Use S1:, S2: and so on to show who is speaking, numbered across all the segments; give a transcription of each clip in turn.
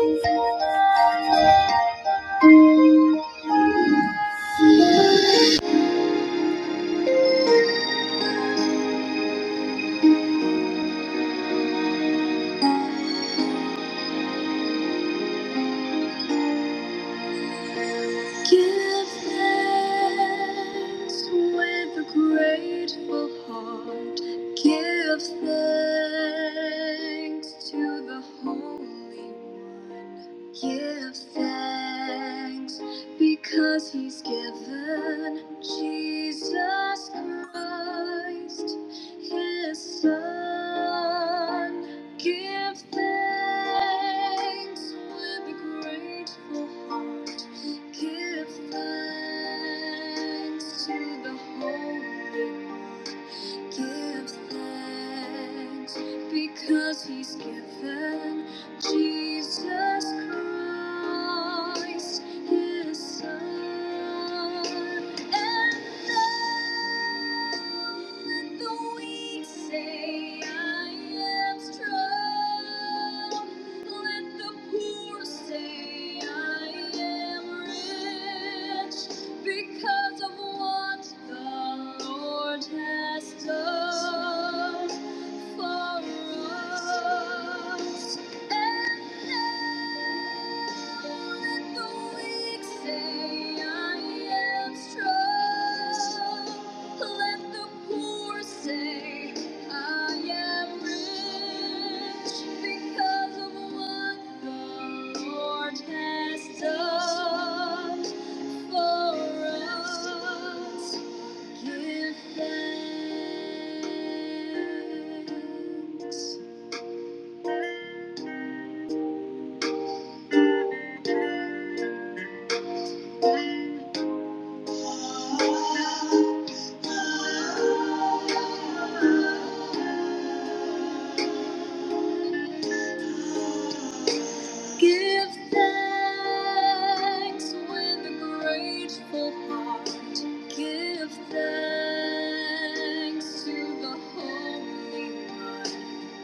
S1: Give thanks with a grateful heart. Give thanks to the Holy One. Give thanks because he's given Jesus Christ, his son. Give thanks with a grateful heart. Give thanks to the Holy One. Give thanks because he's given. Jesus Christ, His Son. And now, when the weak say, I am strong, let the poor say, I am rich, because of what the Lord has done for us. For us. Give thanks. Give thanks with a grateful heart. Give thanks to the Holy One.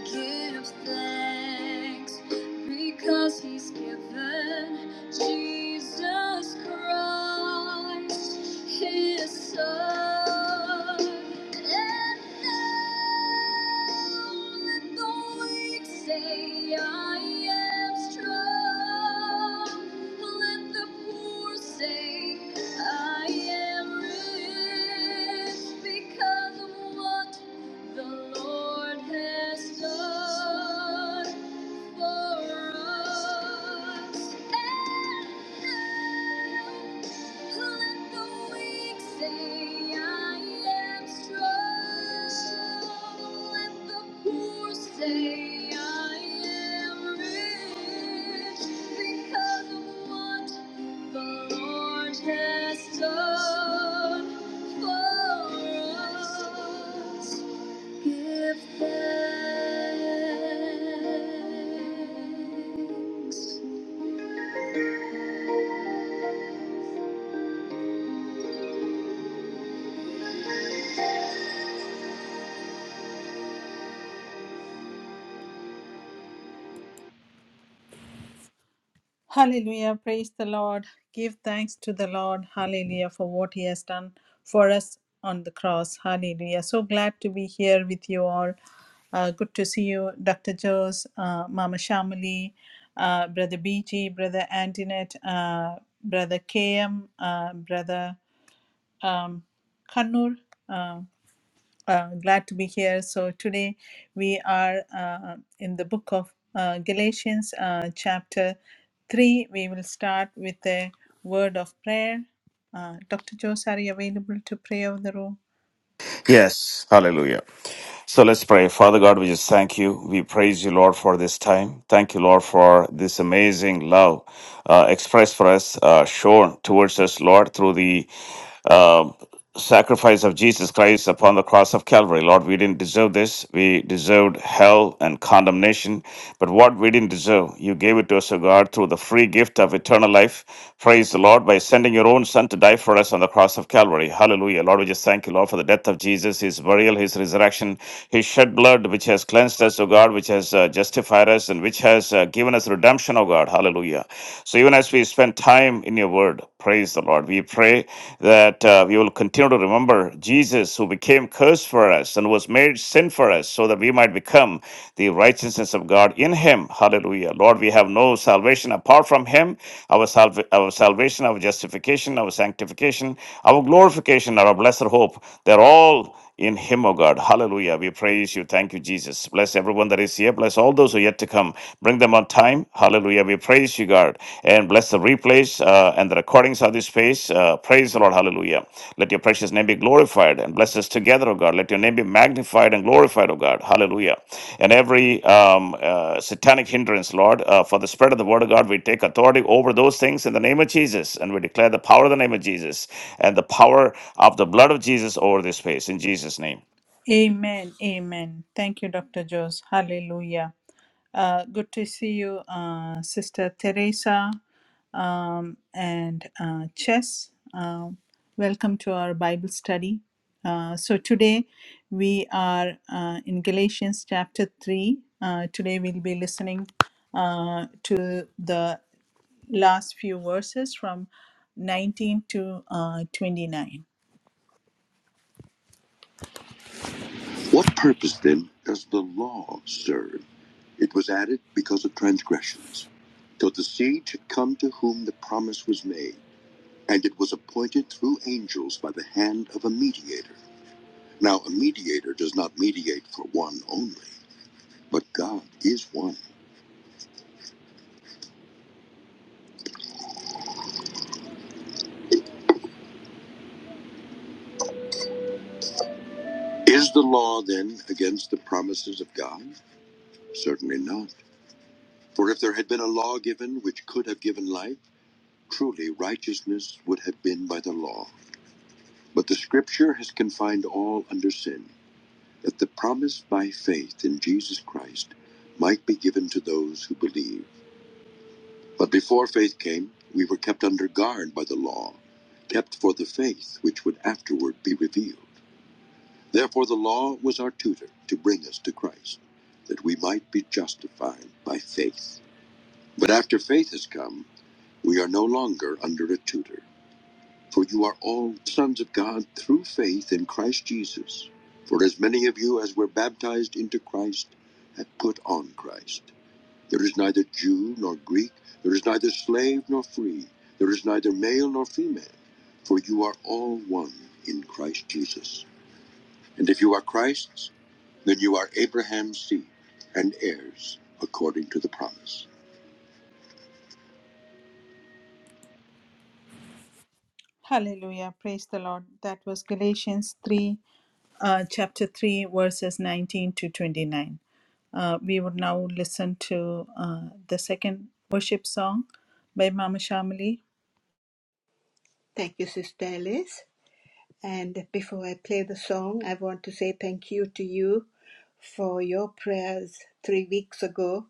S1: Give thanks because he's given Jesus Christ, his son. And now let the weak say, I am strong. Let the poor say, I am rich because of what the Lord has done for us. let the weak say, I am strong. Let the poor say, I am rich because of what the Lord has done for us. Give thanks. Hallelujah. Praise the Lord. Give thanks to the Lord. Hallelujah. For what He has done for us on the cross. Hallelujah. So glad to be here with you all. Uh, good to see you, Dr. Jose, uh, Mama Shamali, uh, Brother BG, Brother Antoinette, uh, Brother KM, uh, Brother um, Kannur. uh, uh, glad to be here. So today we are uh, in the book of uh, Galatians, uh, chapter 3. We will start with a word of prayer. Uh, Dr. Jose, are you available to pray over the room?
S2: Yes, hallelujah. So let's pray. Father God, we just thank you. We praise you, Lord, for this time. Thank you, Lord, for this amazing love uh, expressed for us, uh, shown towards us, Lord, through the um, sacrifice of Jesus Christ upon the cross of Calvary. Lord, we didn't deserve this. We deserved hell and condemnation. But what we didn't deserve, you gave it to us, O God, through the free gift of eternal life. Praise the Lord by sending your own Son to die for us on the cross of Calvary. Hallelujah. Lord, we just thank you, Lord, for the death of Jesus, his burial, his resurrection, his shed blood, which has cleansed us, O God, which has uh, justified us, and which has uh, given us redemption, O God. Hallelujah. So even as we spend time in your word, Praise the Lord. We pray that uh, we will continue to remember Jesus who became cursed for us and was made sin for us so that we might become the righteousness of God in him. Hallelujah. Lord, we have no salvation apart from him. Our, salva- our salvation, our justification, our sanctification, our glorification, our blessed hope, they're all in him, O God. Hallelujah. We praise you. Thank you, Jesus. Bless everyone that is here. Bless all those who are yet to come. Bring them on time. Hallelujah. We praise you, God. And bless the replays uh, and the recordings of this space. Uh, praise the Lord. Hallelujah. Let your precious name be glorified and bless us together, O God. God. Let your name be magnified and glorified, O God. Hallelujah. And every um, uh, satanic hindrance, Lord, uh, for the spread of the word of God, we take authority over those things in the name of Jesus. And we declare the power of the name of Jesus and the power of the blood of Jesus over this place in Jesus' name.
S1: Amen. Amen. Thank you, Dr. Jose. Hallelujah. Uh, good to see you, uh, Sister Teresa. um, and uh, Chess. Um, welcome to our Bible study. Uh, so today we are uh, in Galatians chapter 3. Uh, today we'll be listening uh, to the last few verses from 19 to uh, 29. What purpose then does the law serve? It was added because of transgressions, till the seed should come to whom the promise was made. and it was appointed through angels by the hand of a mediator. Now, a mediator does not mediate for one only, but God is one. Is the law then against the promises of God? Certainly not. For if there had been a law given which could have given life, truly righteousness would have been by the law. But the scripture has confined all under sin, that the promise by faith in Jesus Christ might be given to those who believe. But before faith came, we were kept under guard by the law, kept for the faith which would afterward be revealed. Therefore, the law was our tutor to bring us to Christ, that we might be justified by faith. But after faith has come, we are no longer under a tutor. For you are all sons of God through faith in Christ Jesus. For as many of you as were baptized into Christ have put on Christ. There is neither Jew nor Greek, there is neither slave nor free, there is neither male nor female, for you are all one in Christ Jesus. And if you are Christ's, then you are Abraham's seed and heirs according to the promise. Hallelujah. Praise the Lord. That was Galatians 3, uh, chapter 3, verses 19 to 29. Uh, we would now listen to uh, the second worship song by Mama Shamali.
S3: Thank you, Sister Alice. And before I play the song, I want to say thank you to you for your prayers three weeks ago,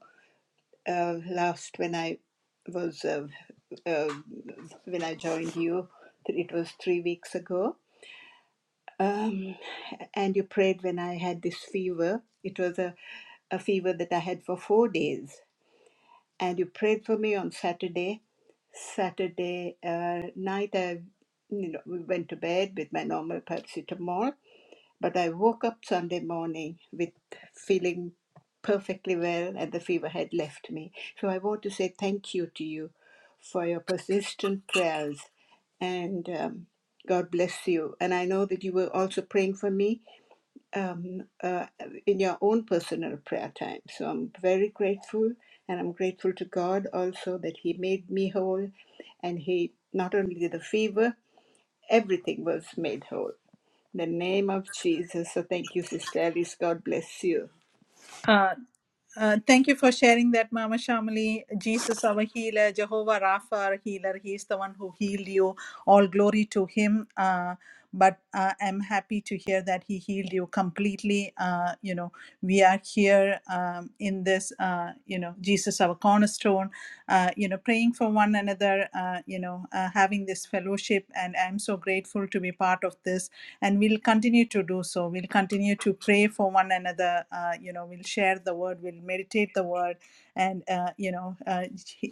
S3: uh, last when I was uh, uh, when I joined you. It was three weeks ago. Um, and you prayed when I had this fever. It was a, a fever that I had for four days. And you prayed for me on Saturday Saturday uh, night, I you know we went to bed with my normal paracetamol, but I woke up Sunday morning with feeling perfectly well, and the fever had left me. So I want to say thank you to you for your persistent prayers, and um, God bless you. And I know that you were also praying for me, um, uh, in your own personal prayer time. So I'm very grateful, and I'm grateful to God also that He made me whole, and He not only did the fever, everything was made whole. In the name of Jesus. So thank you, Sister Alice. God bless you.
S1: Uh, Uh, thank you for sharing that, Mama Shamali. Jesus, our healer, Jehovah Rapha, our healer. He is the one who healed you. All glory to Him. Uh, but uh, I'm happy to hear that He healed you completely. Uh, you know, we are here um, in this, uh, you know, Jesus, our cornerstone, uh, you know, praying for one another, uh, you know, uh, having this fellowship. And I'm so grateful to be part of this and we'll continue to do so we'll continue to pray for one another uh, you know we'll share the word we'll meditate the word and uh, you know uh,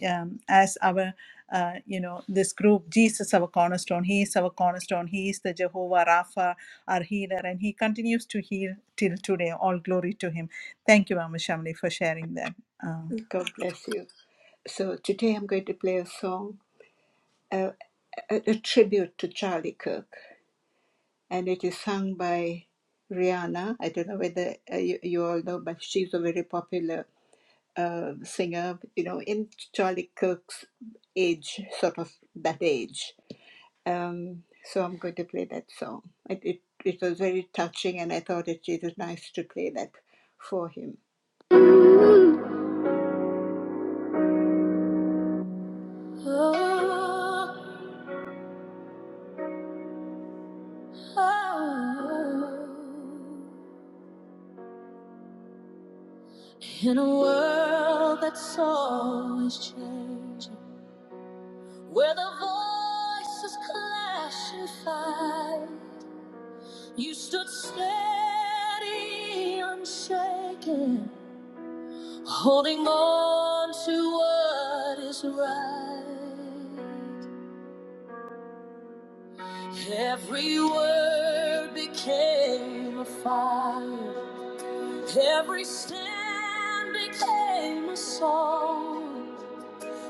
S1: um, as our uh, you know this group jesus our cornerstone he is our cornerstone he is the jehovah rapha our healer and he continues to heal till today all glory to him thank you mama shamli for sharing that Uh,
S3: God bless you. So today I'm going to play a song, a, a, a tribute to Charlie Kirk, and it is sung by Rihanna. I don't know whether uh, you, you all know, but she's a very popular uh, singer, you know, in Charlie Kirk's age, sort of that age. Um, so I'm going to play that song. It, it, it was very touching, and I thought it, it was nice to play that for him. Oh, oh, oh. In a world that's always changing, where the voices clash and fight. You stood steady, unshaken, holding on to what is right. Every word became a fire, every stand became a song.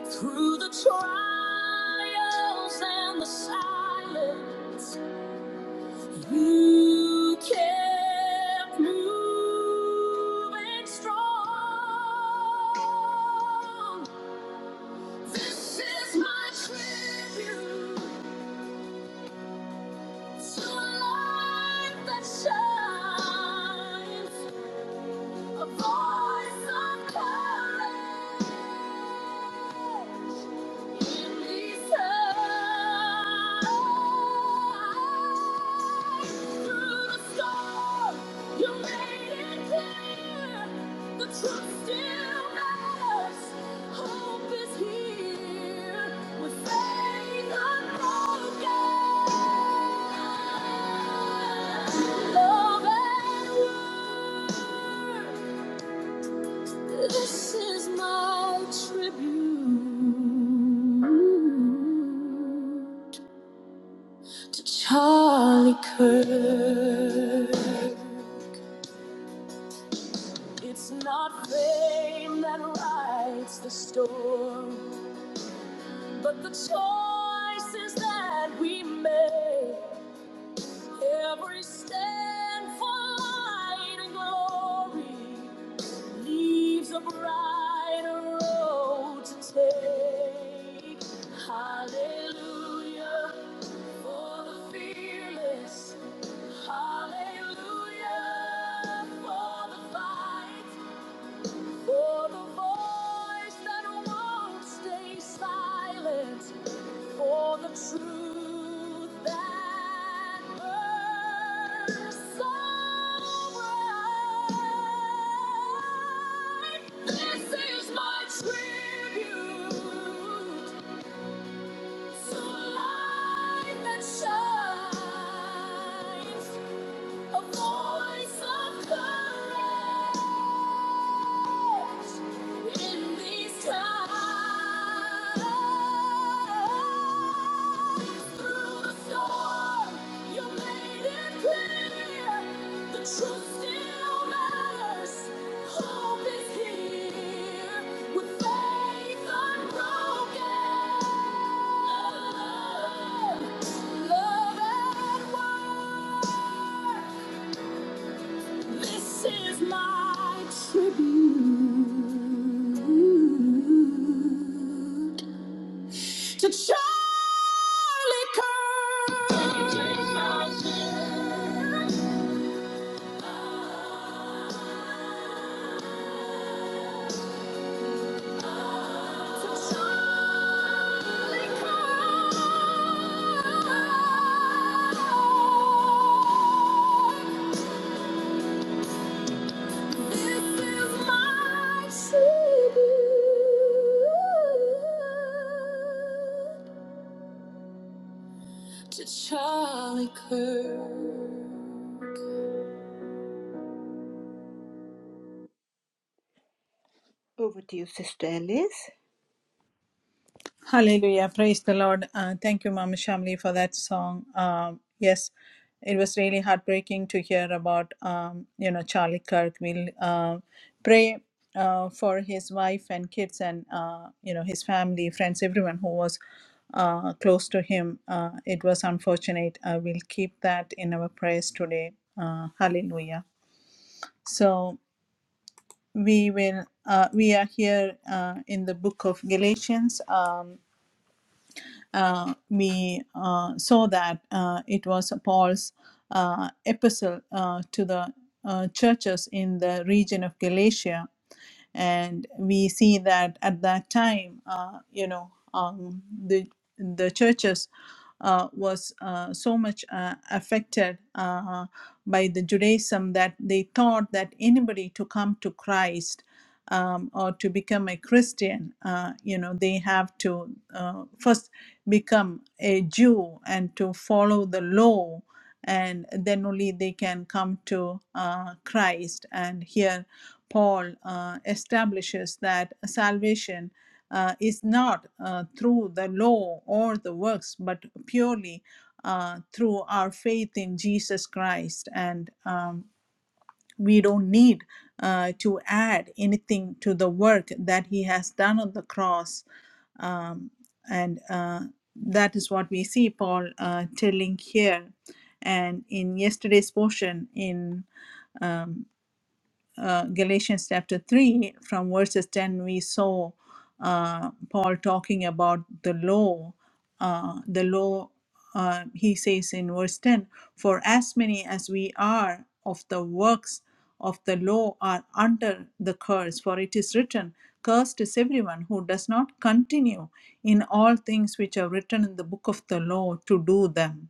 S3: Through the trials and the silence, You kept moving strong. This is my tribute to a life that shines. a voice of courage in these times. Through the storm, you made it clear the truth still matters. Hope is here with faith unbroken, love and word. This is my tribute to Charlie Kirk. It's not fame that writes the story, but the choices that we make. Every stand for light and glory. leaves a brighter road to take. Hallelujah for the fearless. Hallelujah for the fight. For the voice that won't stay silent, for the truth that burns so bright. This is my tribute to light that shines, a voice of courage. In these times, through the storm, you made it clear the truth still matters. Hope is here with faith unbroken. Love and work. This is my tribute to Charlie Kirk. To Charlie Kirk. to Charlie Kirk. Over to you, Sister Alice.
S1: Hallelujah. Praise the Lord. Uh, thank you, Mama Shamli, for that song. Um, yes, it was really heartbreaking to hear about, um, you know, Charlie Kirk. We'll uh, pray uh, for his wife and kids and, uh, you know, his family, friends, everyone who was uh, close to him. Uh, it was unfortunate. Uh, we'll keep that in our prayers today. Uh, hallelujah. So we will, uh, we are here uh, in the book of Galatians. Um, uh, we uh, saw that uh, it was Paul's uh, epistle uh, to the uh, churches in the region of Galatia. And we see that at that time, uh, you know, um, the, the churches uh, was uh, so much uh, affected uh, by the Judaism that they thought that anybody to come to Christ um, or to become a Christian, uh, you know, they have to uh, first become a Jew and to follow the law, and then only they can come to uh, Christ. And here, Paul uh, establishes that salvation uh, is not uh, through the law or the works, but purely uh, through our faith in Jesus Christ. And um, we don't need uh, to add anything to the work that he has done on the cross um, and uh, that is what we see paul uh, telling here and in yesterday's portion in um, uh, Galatians chapter 3, from verses 10, we saw uh, Paul talking about the law. Uh, the law, uh, he says in verse 10, For as many as we are of the works of the law are under the curse, for it is written, Cursed is everyone who does not continue in all things which are written in the book of the law to do them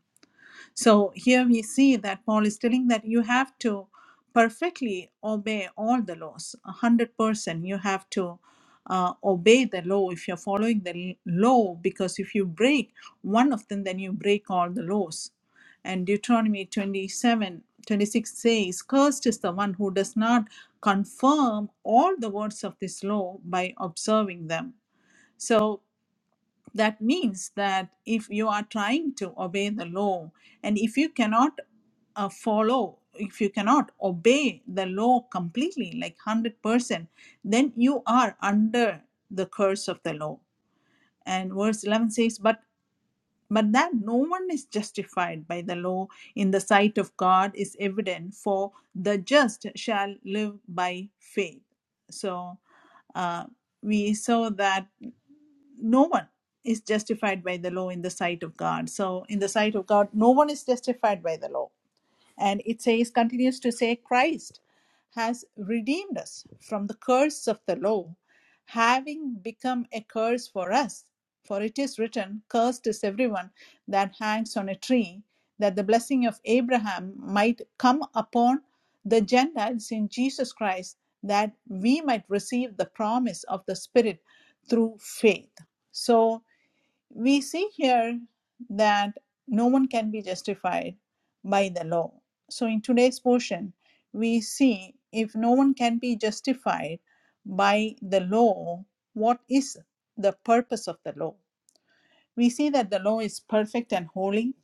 S1: so here we see that Paul is telling that you have to perfectly obey all the laws, 100%. You have to uh, obey the law if you're following the l- law, because if you break one of them, then you break all the laws. And Deuteronomy 27:26 says, Cursed is the one who does not confirm all the words of this law by observing them. So that means that if you are trying to obey the law and if you cannot uh, follow, if you cannot obey the law completely, like 100%, then you are under the curse of the law. And verse 11 says, But but that no one is justified by the law in the sight of God is evident, for the just shall live by faith. So uh, we saw that no one is justified by the law in the sight of God. So, in the sight of God, no one is justified by the law. And it says, continues to say, Christ has redeemed us from the curse of the law, having become a curse for us. For it is written, Cursed is everyone that hangs on a tree, that the blessing of Abraham might come upon the Gentiles in Jesus Christ, that we might receive the promise of the Spirit through faith. So, we see here that no one can be justified by the law. So, in today's portion, we see if no one can be justified by the law, what is the purpose of the law? We see that the law is perfect and holy,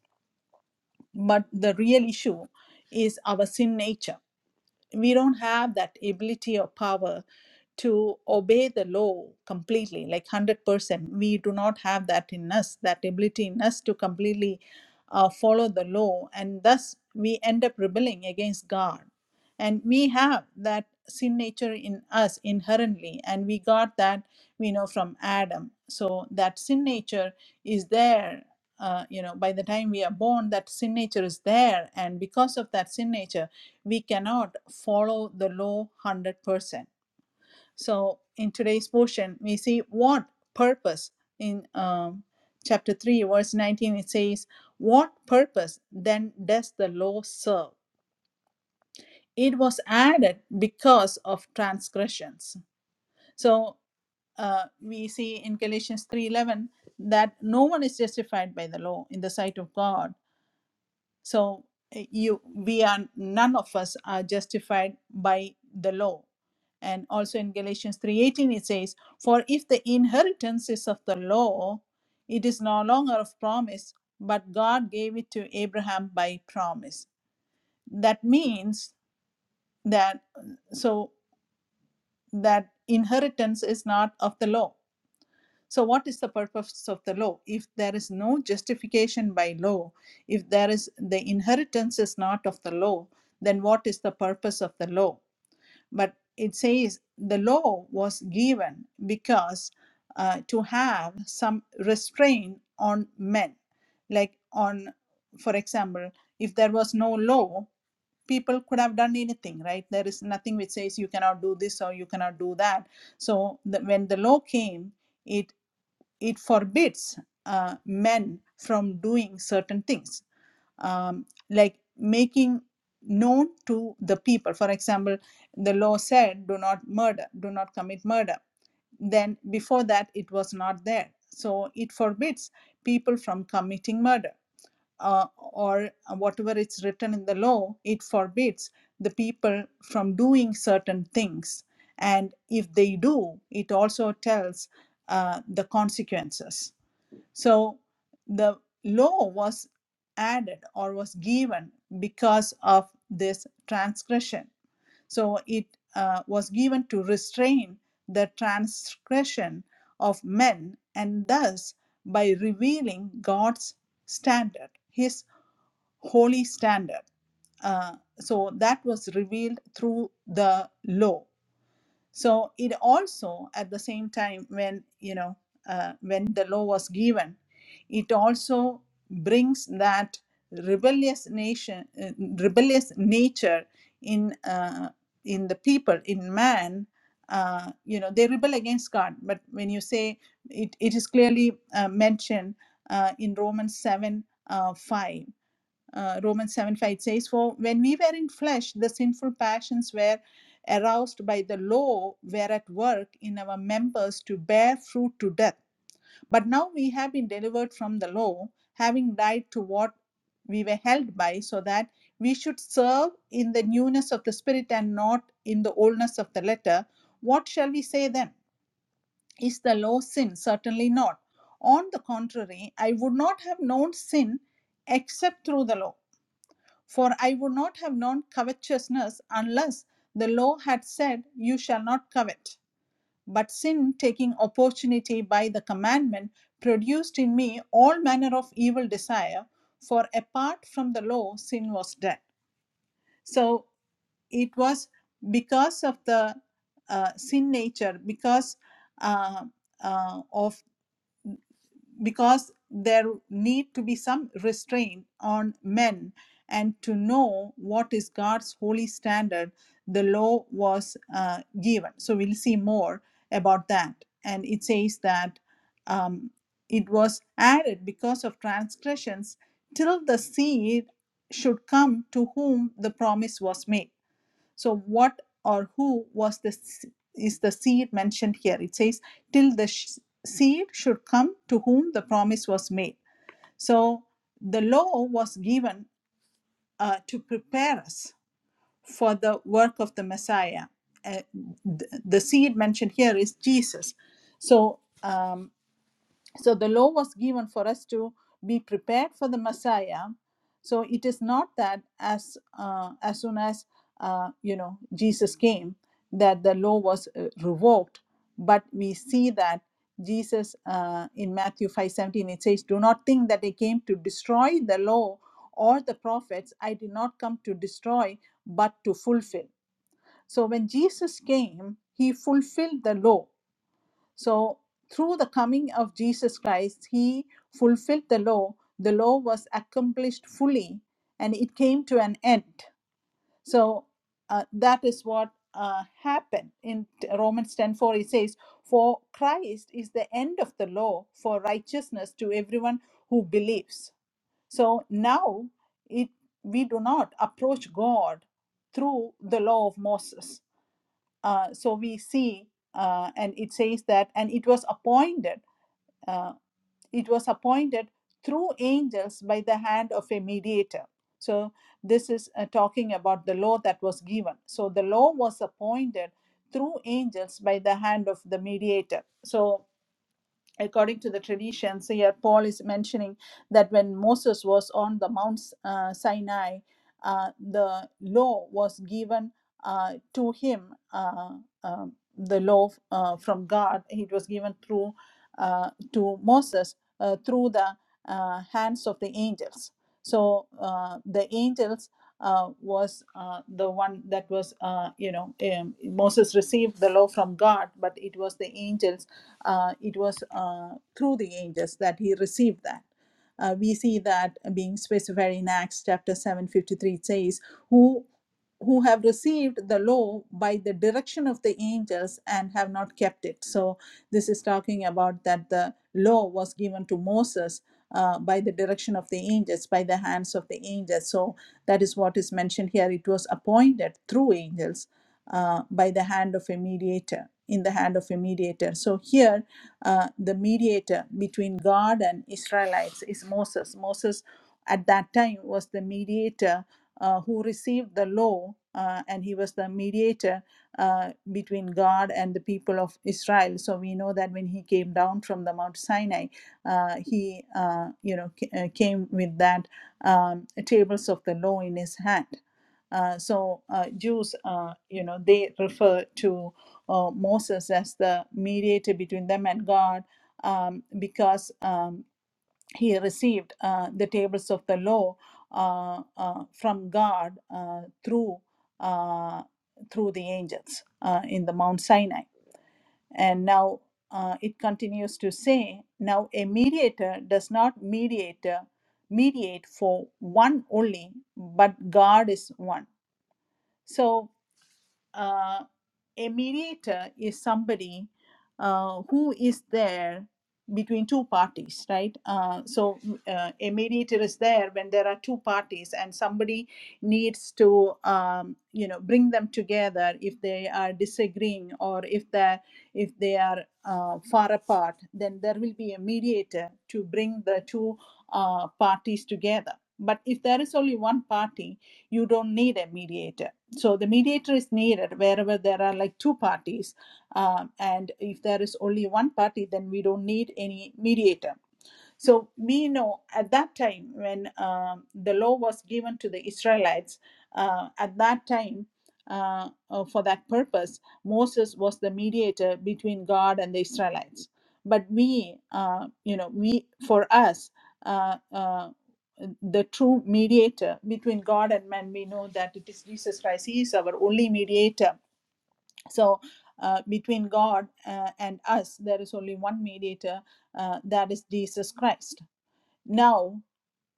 S1: but the real issue is our sin nature we don't have that ability or power to obey the law completely like 100% we do not have that in us that ability in us to completely uh, follow the law and thus we end up rebelling against god and we have that sin nature in us inherently and we got that we know from adam so that sin nature is there uh, you know by the time we are born that sin nature is there and because of that sin nature we cannot follow the law 100% so in today's portion we see what purpose in um, chapter 3 verse 19 it says what purpose then does the law serve it was added because of transgressions so uh, we see in galatians 3.11 that no one is justified by the law in the sight of god so uh, you we are none of us are justified by the law and also in galatians 3.18 it says for if the inheritance is of the law it is no longer of promise but god gave it to abraham by promise that means that so that inheritance is not of the law. So, what is the purpose of the law? If there is no justification by law, if there is the inheritance is not of the law, then what is the purpose of the law? But it says the law was given because uh, to have some restraint on men, like on, for example, if there was no law, people could have done anything, right? There is nothing which says you cannot do this or you cannot do that. So the, when the law came, it it forbids uh, men from doing certain things, um, like making known to the people. For example, the law said, do not murder, do not commit murder. Then before that, it was not there. So it forbids people from committing murder uh, or whatever is written in the law, it forbids the people from doing certain things. And if they do, it also tells uh, the consequences. So the law was added or was given because of this transgression. So it uh, was given to restrain the transgression of men and thus by revealing God's standard, his holy standard. Uh, so that was revealed through the law so it also at the same time when you know uh, when the law was given it also brings that rebellious nation uh, rebellious nature in uh, in the people in man uh, you know they rebel against god but when you say it, it is clearly uh, mentioned uh, in romans 7 uh, 5 uh, Romans 7 5 says, For when we were in flesh, the sinful passions were aroused by the law, were at work in our members to bear fruit to death. But now we have been delivered from the law, having died to what we were held by, so that we should serve in the newness of the Spirit and not in the oldness of the letter. What shall we say then? Is the law sin? Certainly not. On the contrary, I would not have known sin except through the law. For I would not have known covetousness unless the law had said, You shall not covet. But sin, taking opportunity by the commandment, produced in me all manner of evil desire, for apart from the law, sin was dead. So it was because of the uh, sin nature, because uh, uh, of because there need to be some restraint on men and to know what is god's holy standard the law was uh, given so we'll see more about that and it says that um, it was added because of transgressions till the seed should come to whom the promise was made so, what or who was the s- is the seed mentioned here? It says, till the sh- seed should come to whom the promise was made. So, the law was given uh, to prepare us for the work of the Messiah. Uh, th- the seed mentioned here is Jesus. So, um, so the law was given for us to be prepared for the Messiah. So it is not that as uh, as soon as uh, you know Jesus came that the law was uh, revoked, but we see that Jesus uh, in Matthew five seventeen it says, "Do not think that I came to destroy the law or the prophets. I did not come to destroy, but to fulfill." So when Jesus came, he fulfilled the law so, through the coming of Jesus Christ, he fulfilled the law. The law was accomplished fully and it came to an end. So, uh, that is what uh, happened in Romans ten four. 4. It says, For Christ is the end of the law for righteousness to everyone who believes. So, now it, we do not approach God through the law of Moses uh, so we see, uh, and it says that, and it was appointed, uh, it was appointed through angels by the hand of a mediator. So this is uh, talking about the law that was given. So the law was appointed through angels by the hand of the mediator. So according to the traditions here paul is mentioning that when moses was on the mount uh, sinai uh, the law was given uh, to him uh, um, the law uh, from god it was given through uh, to moses uh, through the uh, hands of the angels so uh, the angels uh, was uh, the one that was uh, you know um, moses received the law from god but it was the angels uh, it was uh, through the angels that he received that. Uh, we see that being specified in Acts chapter 7:53 it says, "Who who have received the law by the direction of the angels and have not kept it." So this is talking about that the law was given to Moses uh, by the direction of the angels, by the hands of the angels. So that is what is mentioned here. It was appointed through angels uh, by the hand of a mediator, in the hand of a mediator. So here, uh, the mediator between God and Israelites is Moses. Moses at that time was the mediator uh, who received the law, uh, and he was the mediator uh, between God and the people of Israel. So we know that when he came down from the Mount Sinai, uh, he uh, you know ca- uh, came with that um, tables of the law in his hand. Uh, so uh, Jews, uh, you know, they refer to uh, Moses as the mediator between them and God um, because um, he received uh, the tables of the law uh, uh, from God uh, through uh, through the angels uh, in the Mount Sinai. And now uh, it continues to say, now a mediator does not mediator mediate for one only, but God is one. So uh, a mediator is somebody uh, who is there between two parties, right? Uh, so uh, a mediator is there when there are two parties, and somebody needs to, um, you know, bring them together if they are disagreeing or if they if they are uh, far apart. Then there will be a mediator to bring the two uh, parties together. But if there is only one party, you don't need a mediator so the mediator is needed wherever there are like two parties um, and if there is only one party then we don't need any mediator so we know at that time when um, the law was given to the Israelites, uh, at that time, uh, uh, for that purpose, Moses was the mediator between God and the Israelites. But we, uh, you know, we for us, uh, uh, the true mediator between God and man, we know that it is Jesus Christ. He is our only mediator. So uh, between God uh, and us, there is only one mediator, uh, that is Jesus Christ now,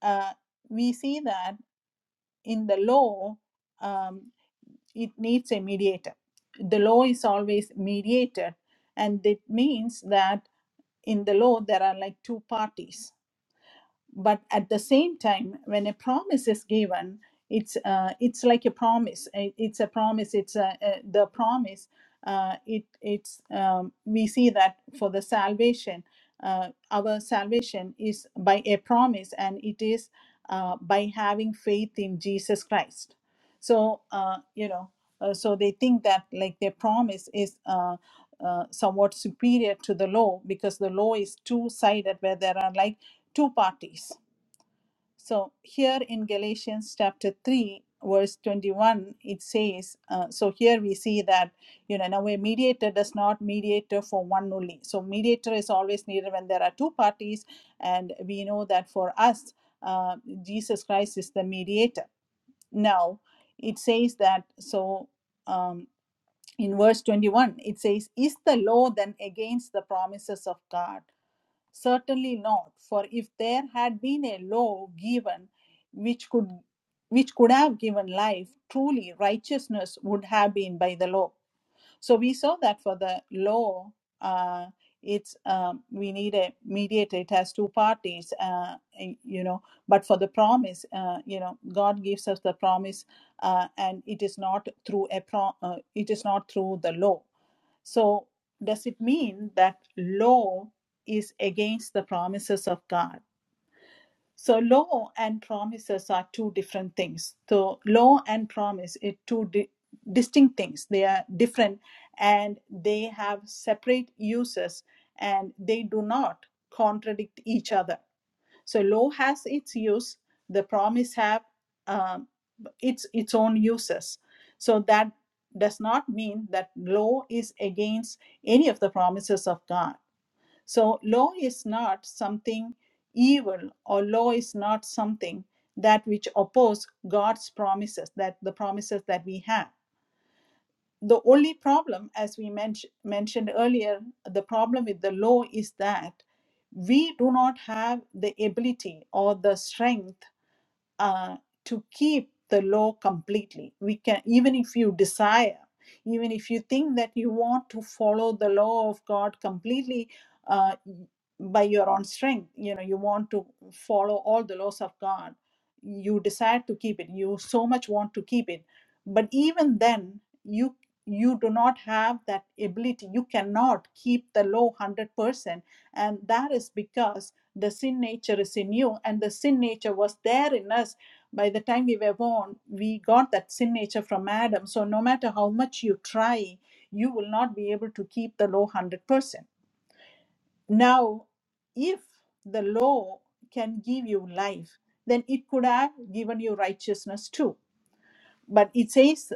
S1: uh, we see that in the law, um, it needs a mediator. The law is always mediated, and it means that in the law, there are like two parties but at the same time when a promise is given it's uh, it's like a promise I- it's a promise it's a, a, the promise uh, it it's um, we see that for the salvation uh, our salvation is by a promise and it is uh, by having faith in jesus christ so uh, you know uh, so they think that like their promise is uh, uh, somewhat superior to the law because the law is two sided where there are like two parties. So here in Galatians chapter 3, verse 21, it says, uh, so here we see that, you know, in a mediator does not mediator for one only. So mediator is always needed when there are two parties. And we know that for us, uh, Jesus Christ is the mediator. Now, it says that, so um, in verse 21, it says, Is the law then against the promises of God? Certainly not, for if there had been a law given which could which could have given life, truly righteousness would have been by the law. So we saw that for the law, uh, it's um, we need a mediator. It has two parties, uh, you know. But for the promise, uh, you know, God gives us the promise, uh, and it is not through a pro- uh, It is not through the law. So does it mean that law is against the promises of God? So law and promises are two different things. So law and promise are two di- distinct things. They are different and they have separate uses and they do not contradict each other. So law has its use. The promise have um, its its own uses. So that does not mean that law is against any of the promises of God so, law is not something evil, or law is not something that which oppose God's promises, that the promises that we have. The only problem, as we men- mentioned earlier, the problem with the law is that we do not have the ability or the strength uh, to keep the law completely. We can, even if you desire, even if you think that you want to follow the law of God completely uh, by your own strength, you know, you want to follow all the laws of God you decide to keep it you so much want to keep it but even then you you do not have that ability you cannot keep the low 100% and that is because the sin nature is in you and the sin nature was there in us by the time we were born we got that sin nature from adam so no matter how much you try you will not be able to keep the low 100% now, if the law can give you life, then it could have given you righteousness too. But it says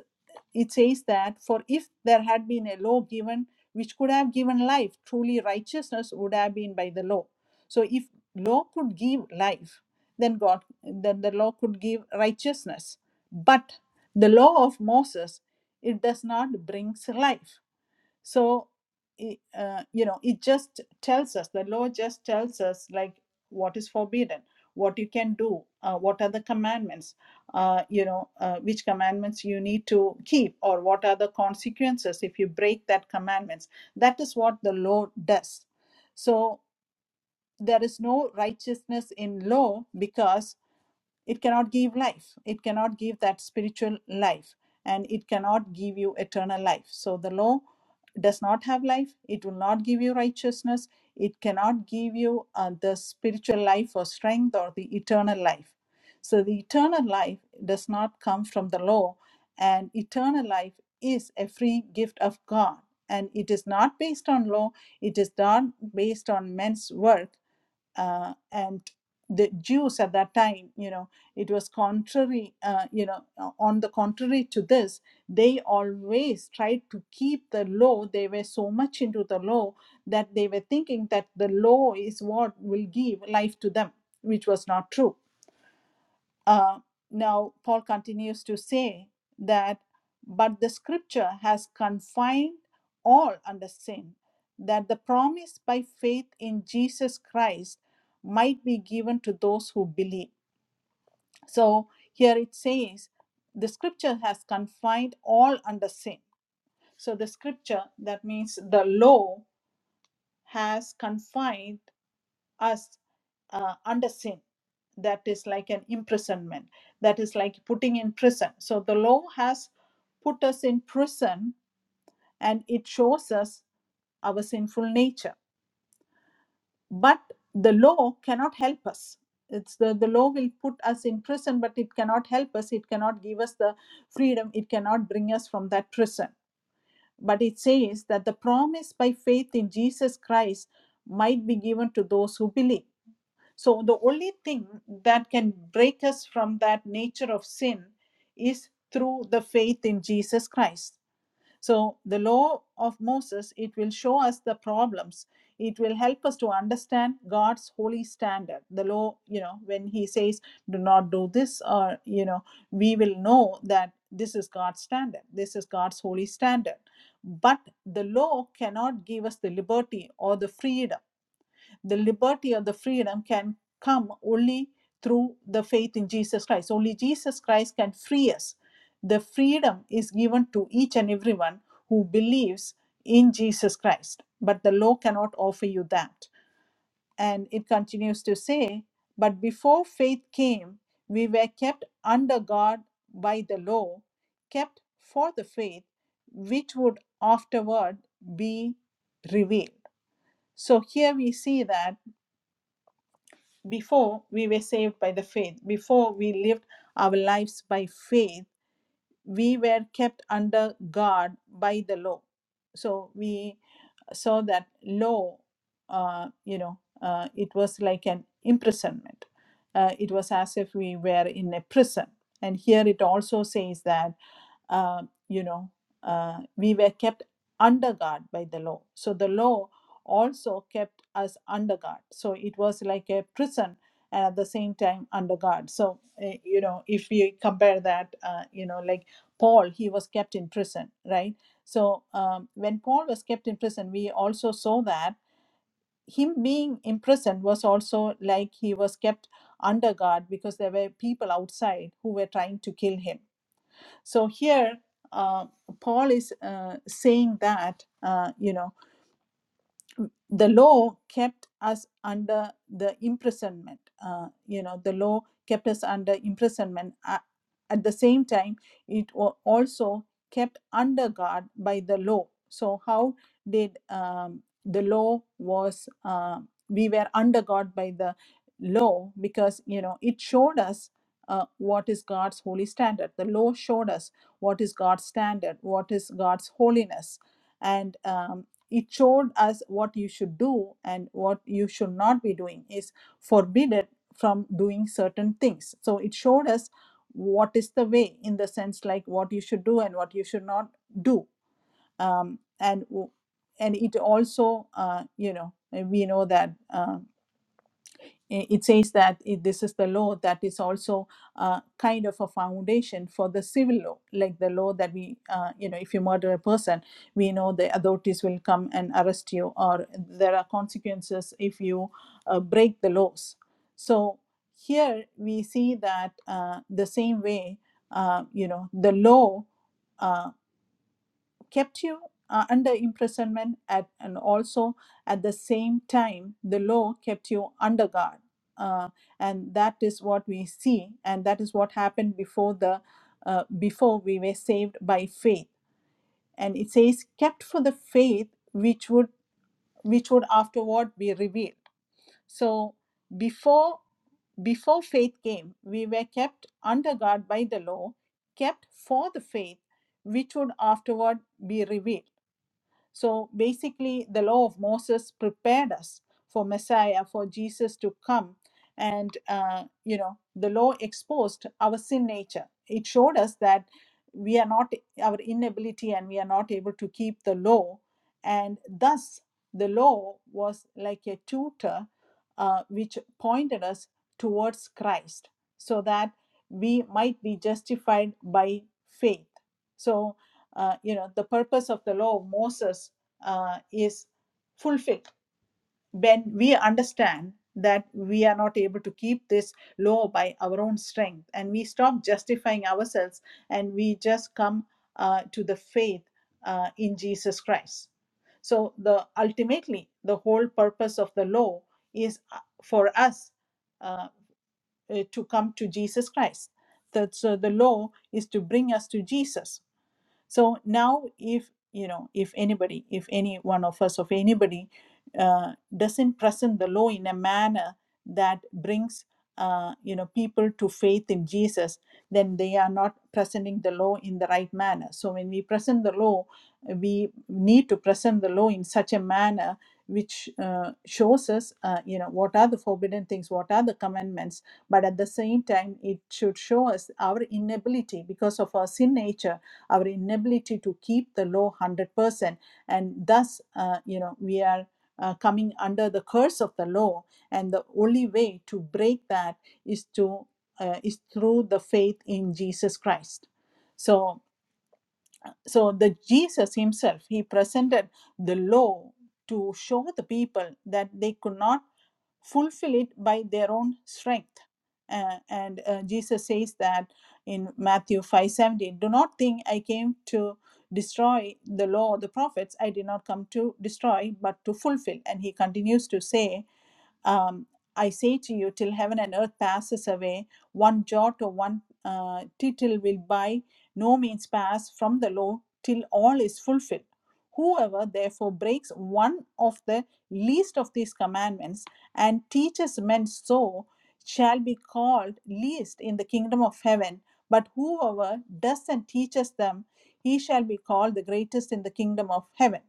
S1: it says that for if there had been a law given which could have given life, truly righteousness would have been by the law. So if law could give life, then God then the law could give righteousness. But the law of Moses, it does not bring life so i- uh, you know it just tells us the law just tells us like what is forbidden what you can do uh, what are the commandments uh, you know uh, which commandments you need to keep or what are the consequences if you break that commandments that is what the law does so there is no righteousness in law because it cannot give life it cannot give that spiritual life and it cannot give you eternal life so the law does not have life it will not give you righteousness it cannot give you uh, the spiritual life or strength or the eternal life so the eternal life does not come from the law and eternal life is a free gift of god and it is not based on law it is not based on men's work uh, and the Jews at that time, you know, it was contrary, uh, you know, on the contrary to this, they always tried to keep the law. They were so much into the law that they were thinking that the law is what will give life to them, which was not true uh, now, Paul continues to say that, but the scripture has confined all under sin, that the promise by faith in Jesus Christ might be given to those who believe. So here it says, the scripture has confined all under sin. So the scripture, that means the law, has confined us uh, under sin that is like an imprisonment that is like putting in prison so the law has put us in prison and it shows us our sinful nature but the law cannot help us it's the, the law will put us in prison but it cannot help us it cannot give us the freedom it cannot bring us from that prison but it says that the promise by faith in jesus christ might be given to those who believe So, the only thing that can break us from that nature of sin is through the faith in Jesus Christ. So, the law of Moses, it will show us the problems. It will help us to understand God's holy standard. The law, you know, when He says, do not do this, or, you know, we will know that this is God's standard. This is God's holy standard. But the law cannot give us the liberty or the freedom the liberty or the freedom can come only through the faith in Jesus Christ. Only Jesus Christ can free us. The freedom is given to each and everyone who believes in Jesus Christ, but the law cannot offer you that. And it continues to say, But before faith came, we were kept under God by the law, kept for the faith which would afterward be revealed. So here we see that. Before we were saved by the faith, before we lived our lives by faith, we were kept under guard by the law. So we saw that law, uh, you know, uh, it was like an imprisonment. Uh, it was as if we were in a prison. And here it also says that, uh, you know, uh, we were kept under guard by the law. So the law also kept us under guard. So it was like a prison and at the same time under guard. So, uh, you know, if we compare that, uh, you know, like Paul, he was kept in prison, right? So um, when Paul was kept in prison, we also saw that him being imprisoned was also like he was kept under guard because there were people outside who were trying to kill him. So here, uh, Paul is uh, saying that, uh, you know the law kept us under the imprisonment. Uh, you know, the law kept us under imprisonment. A- at the same time, it was also kept under guard by the law. So how did um, the law was? Uh, we were under guard by the law because you know it showed us uh, what is God's holy standard. The law showed us what is God's standard, what is God's holiness, and um, it showed us what you should do and what you should not be doing is forbidden from doing certain things so it showed us what is the way in the sense like what you should do and what you should not do um, and w- and it also uh, you know we know that uh, eh, it says that it, this is the law that is also uh, kind of a foundation for the civil law, like the law that we, uh, you know, if you murder a person, we know the authorities will come and arrest you, or there are consequences if you uh, break the laws. So here we see that uh, the same way, uh, you know, the law. Uh, kept you uh, under imprisonment at, and also at the same time the law kept you under guard uh, and that is what we see and that is what happened before the uh, before we were saved by faith and it says kept for the faith which would which would afterward be revealed so before before faith came we were kept under guard by the law kept for the faith which would afterward be revealed so basically, the law of Moses prepared us for Messiah, for Jesus to come. And, uh, you know, the law exposed our sin nature. It showed us that we are not, our inability, and we are not able to keep the law. And thus, the law was like a tutor uh, which pointed us towards Christ so that we might be justified by faith. So uh, you know the purpose of the law of moses uh, is fulfilled when we understand that we are not able to keep this law by our own strength and we stop justifying ourselves and we just come uh, to the faith uh, in jesus christ so the ultimately the whole purpose of the law is uh, for us uh, uh, to come to jesus christ that so the law is to bring us to jesus so now if you know if anybody if any one of us of anybody uh, doesn't present the law in a manner that brings uh, you know people to faith in jesus then they are not presenting the law in the right manner so when we present the law we need to present the law in such a manner which uh, shows us uh, you know what are the forbidden things what are the commandments but at the same time it should show us our inability because of our sin nature our inability to keep the law 100%. And thus, uh, you know, we are uh, coming under the curse of the law. And the only way to break that is to uh, is through the faith in Jesus Christ. So so the jesus himself he presented the law to show the people that they could not fulfill it by their own strength Uh, and uh, jesus says that in matthew 5:17 do not think i came to destroy the law or the prophets i did not come to destroy but to fulfill and he continues to say um, I say to you, till heaven and earth passes away, one jot or one uh, tittle will by no means pass from the law till all is fulfilled. Whoever therefore breaks one of the least of these commandments and teaches men so shall be called least in the kingdom of heaven. But whoever does and teaches them, he shall be called the greatest in the kingdom of heaven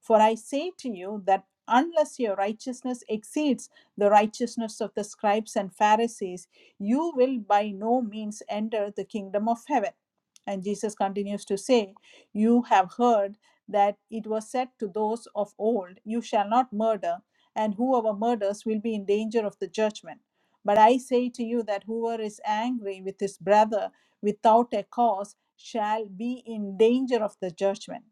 S1: for I say to you that unless your righteousness exceeds the righteousness of the scribes and Pharisees, you will by no means enter the kingdom of heaven. And Jesus continues to say, You have heard that it was said to those of old, You shall not murder, and whoever murders will be in danger of the judgment. But I say to you that whoever is angry with his brother without a cause shall be in danger of the judgment.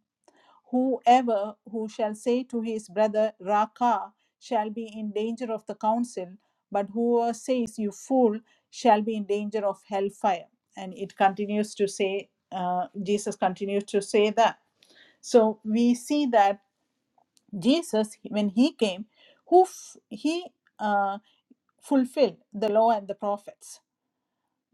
S1: Whoever who shall say to his brother Raka shall be in danger of the council, but whoever says you fool shall be in danger of hellfire. And it continues to say, uh, Jesus continues to say that. So we see that Jesus, when he came, who f- he uh, fulfilled the law and the prophets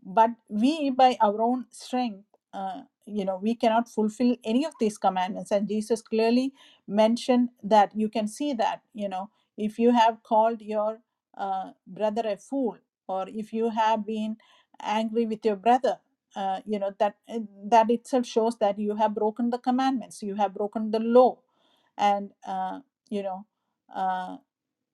S1: but we by our own strength uh, you know we cannot fulfill any of these commandments and jesus clearly mentioned that you can see that you know if you have called your uh, brother a fool or if you have been angry with your brother uh, you know that uh, that itself shows that you have broken the commandments you have broken the law and uh, you know uh,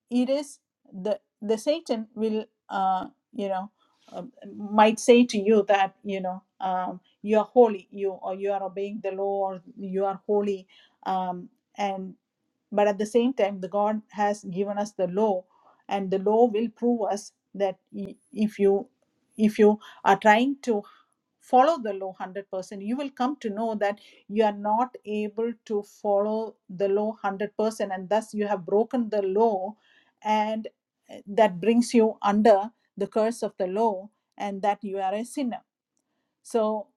S1: it is the the satan will uh you know uh, might say to you that you know um you are holy you or you are obeying the law or you are holy um and but at the same time the god has given us the law and the law will prove us that i- if you if you are trying to follow the law 100% you will come to know that you are not able to follow the law 100% and thus you have broken the law and eh, that brings you under the curse of the law and that you are a sinner so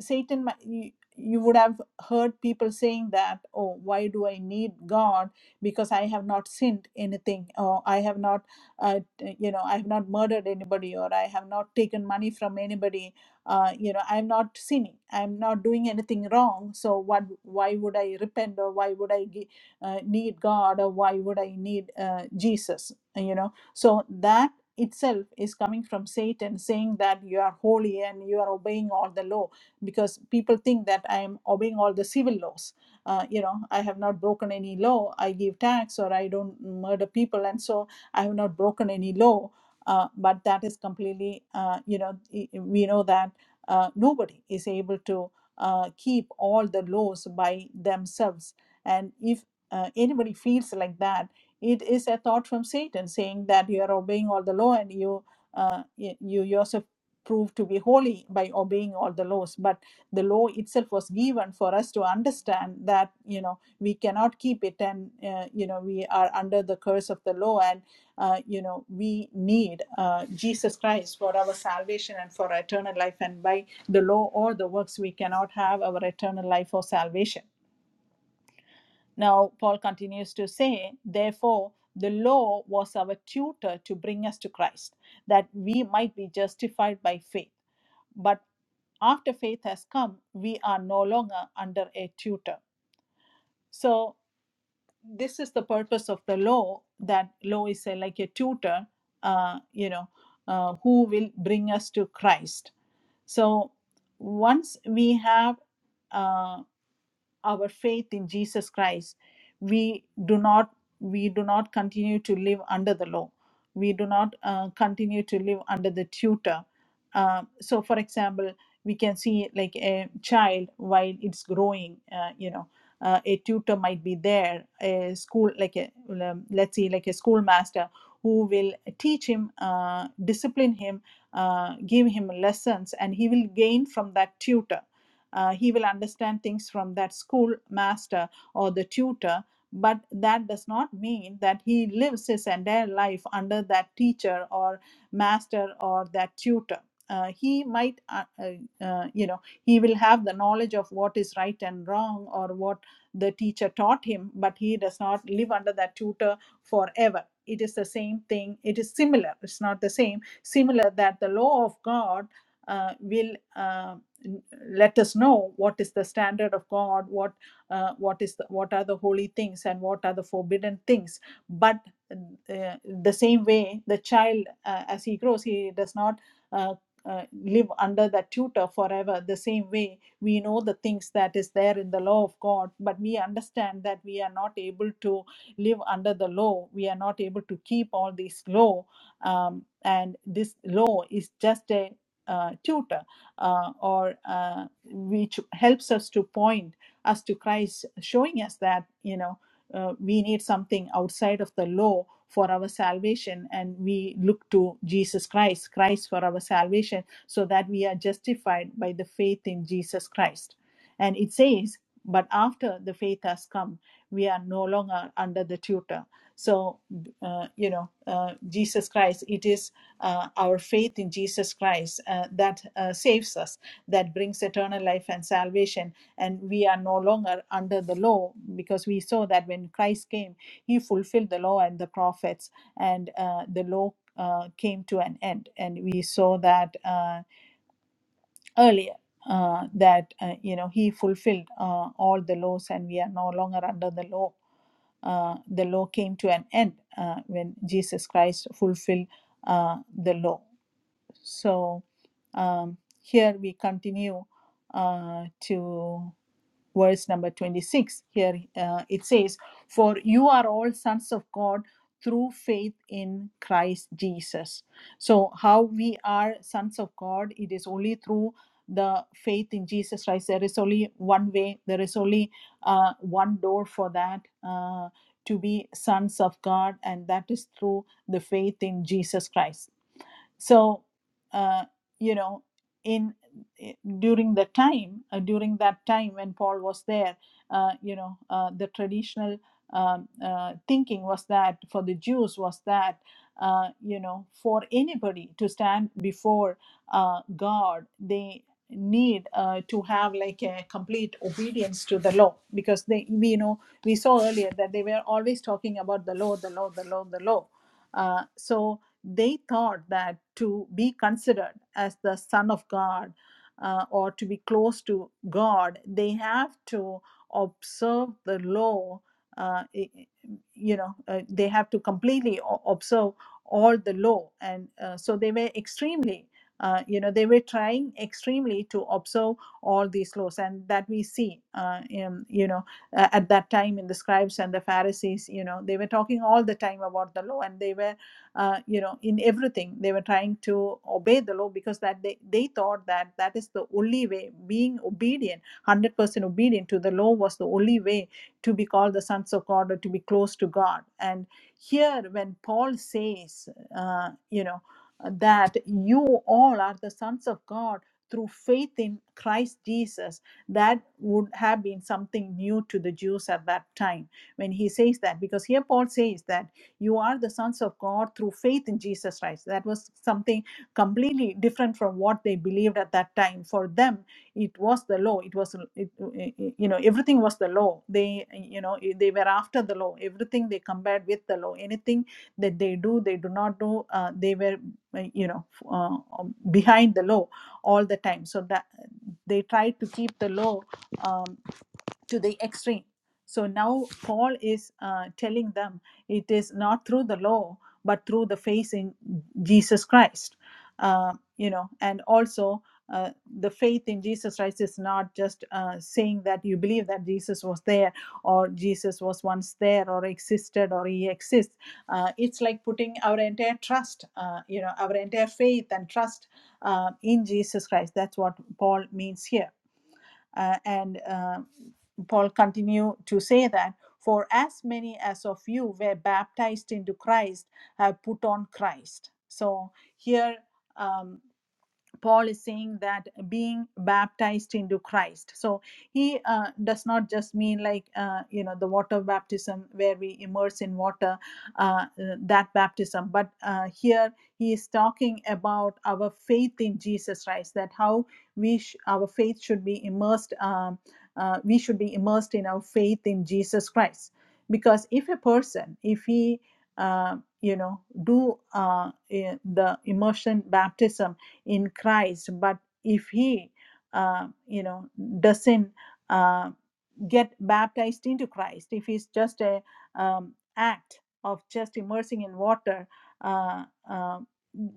S1: Satan, mi- you, you would have heard people saying that, oh, why do I need God? Because I have not sinned anything, or I have not, uh, you know, I have not murdered anybody, or I have not taken money from anybody. Uh, you know, I'm not sinning. I'm not doing anything wrong. So what? Why would I repent, or why would I gi- uh, need God, or why would I need uh, Jesus? You know, so that itself is coming from Satan saying that you are holy and you are obeying all the law because people think that I am obeying all the civil laws. Uh, you know, I have not broken any law. I give tax or I don't murder people, and so I have not broken any law. Uh, but that is completely, uh, you know, i- we know that uh, nobody is able to uh, keep all the laws by themselves. And if uh, anybody feels like that, it is a thought from Satan saying that you are obeying all the law and you, uh, y- you yourself prove to be holy by obeying all the laws. But the law itself was given for us to understand that, you know, we cannot keep it and, uh, you know, we are under the curse of the law and, uh, you know, we need uh, Jesus Christ for our salvation and for our eternal life. And by the law or the works, we cannot have our eternal life or salvation. Now, Paul continues to say, therefore, the law was our tutor to bring us to Christ, that we might be justified by faith. But after faith has come, we are no longer under a tutor. So, this is the purpose of the law that law is a, like a tutor, uh, you know, uh, who will bring us to Christ. So, once we have uh, our faith in Jesus Christ, we do not we do not continue to live under the law. We do not uh, continue to live under the tutor. Uh, so, for example, we can see like a child while it's growing, uh, you know, uh, a tutor might be there, a school like a um, let's see, like a schoolmaster who will teach him, uh, discipline him, uh, give him lessons, and he will gain from that tutor uh, he will understand things from that schoolmaster or the tutor but that does not mean that he lives his entire life under that teacher or master or that tutor uh, he might uh, uh, uh, you know he will have the knowledge of what is right and wrong or what the teacher taught him but he does not live under that tutor forever it is the same thing it is similar it's not the same similar that the law of god uh, will uh, let us know what is the standard of god what uh, what is the, what are the holy things and what are the forbidden things but uh, the same way the child uh, as he grows he does not uh, uh, live under that tutor forever the same way we know the things that is there in the law of god but we understand that we are not able to live under the law we are not able to keep all these law um, and this law is just a uh, tutor uh, or uh, which helps us to point us to Christ, showing us that you know uh, we need something outside of the law for our salvation, and we look to Jesus Christ, Christ for our salvation, so that we are justified by the faith in Jesus Christ. And it says, but after the faith has come, we are no longer under the tutor. So, uh, you know, uh, Jesus Christ, it is uh, our faith in Jesus Christ uh, that uh, saves us, that brings eternal life and salvation. And we are no longer under the law because we saw that when Christ came, he fulfilled the law and the prophets, and uh, the law uh, came to an end. And we saw that uh, earlier. Uh, that uh, you know he fulfilled uh, all the laws and we are no longer under the law uh, the law came to an end uh, when jesus christ fulfilled uh, the law so um, here we continue uh, to verse number 26. Here uh, it says, For you are all sons of God through faith in Christ Jesus. So, how we are sons of God, it is only through the faith in Jesus Christ. There is only one way, there is only uh, one door for that. Uh, to be sons of God, and that is through the faith in Jesus Christ so uh, you know in eh, during the time uh, during that time when paul was there uh, you know uh, the traditional um, uh, thinking was that for the jews was that uh, you know for anybody to stand before uh, god they need uh, to have like a complete obedience to the law because they we you know we saw earlier that they were always talking about the law the law the law the law uh, so they thought that to be considered as the son of God uh, or to be close to God, they have to observe the law. Uh, you know, uh, they have to completely o- observe all the law, and uh, so they were extremely. Uh, you know they were trying extremely to observe all these laws and that we see uh, in, you know uh, at that time in the scribes and the pharisees you know they were talking all the time about the law and they were uh, you know in everything they were trying to obey the law because that they, they thought that that is the only way being obedient 100% obedient to the law was the only way to be called the sons of god or to be close to god and here when paul says uh, you know that you all are the sons of God through faith in Christ Jesus, that would have been something new to the Jews at that time when he says that. Because here Paul says that you are the sons of God through faith in Jesus Christ. That was something completely different from what they believed at that time. For them, it was the law. It was, it, you know, everything was the law. They, you know, they were after the law. Everything they compared with the law. Anything that they do, they do not do. Uh, they were, uh, you know, uh, um, behind the law all the time. So that they tried to keep the law. Um, to the extreme. So now Paul is uh, telling them it is not through the law, but through the faith in Jesus Christ. Uh, you know, and also uh, the faith in Jesus Christ is not just uh, saying that you believe that Jesus was there or Jesus was once there or existed or he exists. Uh, it's like putting our entire trust, uh, you know, our entire faith and trust uh, in Jesus Christ. That's what Paul means here uh, and uh, Paul continue to say that for as many as of you were baptized into Christ have put on Christ. So here. Um, Paul is saying that being baptized into Christ. So he uh, does not just mean like, uh, you know, the water baptism where we immerse in water, uh, uh, that baptism. But uh, here he is talking about our faith in Jesus Christ, that how we sh- our faith should be immersed, um, uh, we should be immersed in our faith in Jesus Christ. Because if a person, if he, uh, you know, do uh, eh, the immersion baptism, in Christ. But if he, uh, you know, doesn't um, get baptized into Christ, if it's just a um, act of just immersing in water, uh, uh,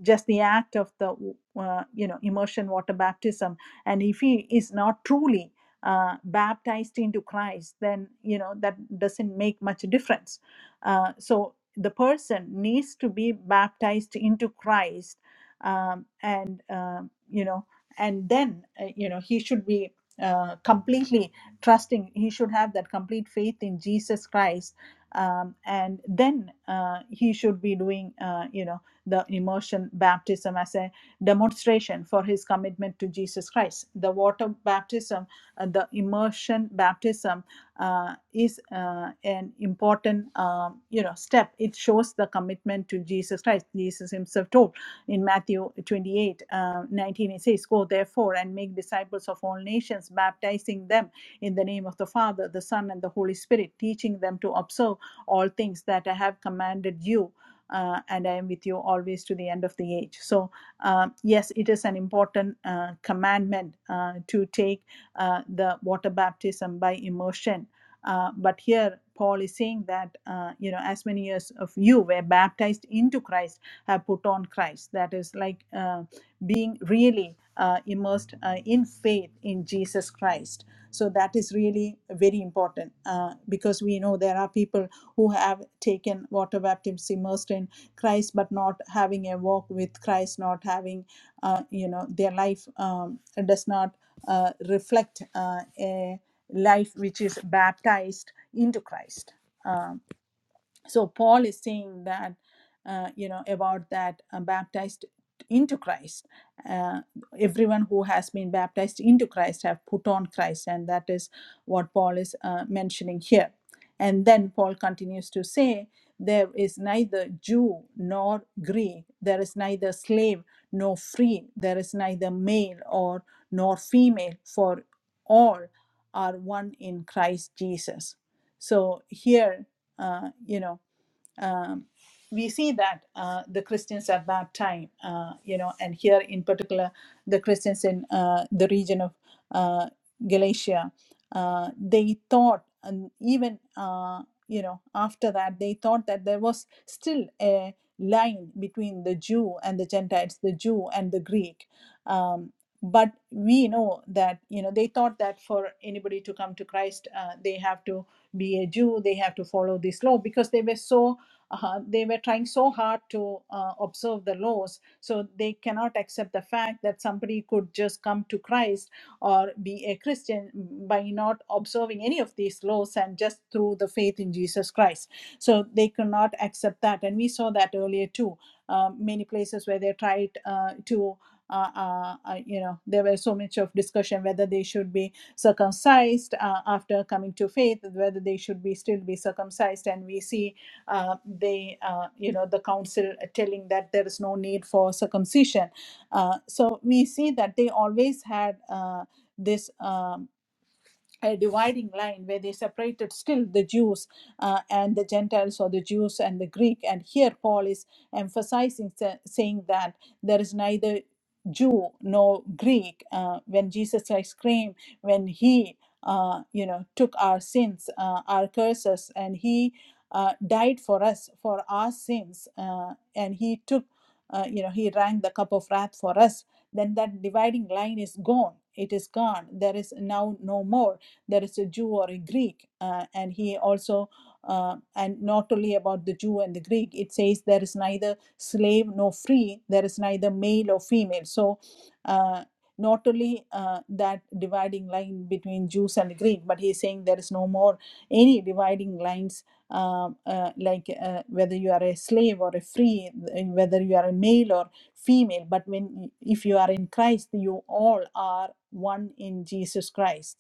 S1: just the act of the uh, you know immersion water baptism, and if he is not truly uh, baptized into Christ, then you know that doesn't make much difference. Uh, so the person needs to be baptized into Christ, um, and um you know, and then uh, you know he should be uh, completely trusting he should have that complete faith in jesus christ um, and then uh, he should be doing uh, you know the immersion baptism as a demonstration for his commitment to jesus christ the water baptism uh, the immersion baptism uh, is uh, an important um, you know step it shows the commitment to jesus christ jesus himself told in matthew 28 uh, 19 it says go therefore and make disciples of all nations baptizing them in the name of the Father, the Son, and the Holy Spirit, teaching them to observe all things that I have commanded you. Uh, and I am with you always to the end of the age. So, uh, yes, it is an important uh, commandment uh, to take uh, the water baptism by immersion. Uh, but here, Paul is saying that, uh, you know, as many as of you were baptized into Christ have put on Christ. That is like uh, being really uh, immersed uh, in faith in Jesus Christ. So that is really very important uh, because we know there are people who have taken water baptism immersed in Christ, but not having a walk with Christ, not having, uh, you know, their life um, does not uh, reflect uh, a life which is baptized into Christ so paul is saying that uh, you know about that uh, baptized into christ uh, everyone who has been baptized into christ have put on christ and that is what paul is uh, mentioning here and then paul continues to say there is neither jew nor greek there is neither slave nor free there is neither male or nor female for all are one in christ jesus so here, uh, you know, um, we see that uh, the Christians at that time, uh, you know, and here in particular, the Christians in uh, the region of uh, Galatia, uh, they thought, and even uh, you know, after that, they thought that there was still a line between the Jew and the Gentiles, the Jew and the Greek. Um, but we know that you know they thought that for anybody to come to Christ, uh, they have to be a Jew, they have to follow this law because they were so uh, they were trying so hard to uh, observe the laws so they cannot accept the fact that somebody could just come to christ or be a christian by not observing any of these laws and just through the faith in jesus christ so they could not accept that and we saw that earlier too um, many places where they tried uh, to uh, uh, uh, you know there were so much of discussion whether they should be circumcised uh, after coming to faith whether they should be still be circumcised and we see uh, they uh, you know the council telling that there is no need for circumcision uh, so we see that they always had uh, this um, a dividing line where they separated still the Jews uh, and the Gentiles or the Jews and the Greek. And here Paul is emphasizing, sa- saying that there is neither Jew nor Greek. Uh, when Jesus Christ came, when he uh, you know took our sins, uh, our curses, and he uh, died for us for our sins, uh, and he took uh, you know he drank the cup of wrath for us. Then that dividing line is gone. It is gone. There is now no more there is a Jew or a Greek. Uh, and he also, uh, and not only about the Jew and the Greek, it says there is neither slave nor free, there is neither male or female. So, uh, not only uh, that dividing line between Jews and the Greek, but he's saying there is no more any dividing lines um, uh, like uh, whether you are a slave or a free, and whether you are a male or female. But when if you are in Christ, you all are one in Jesus Christ.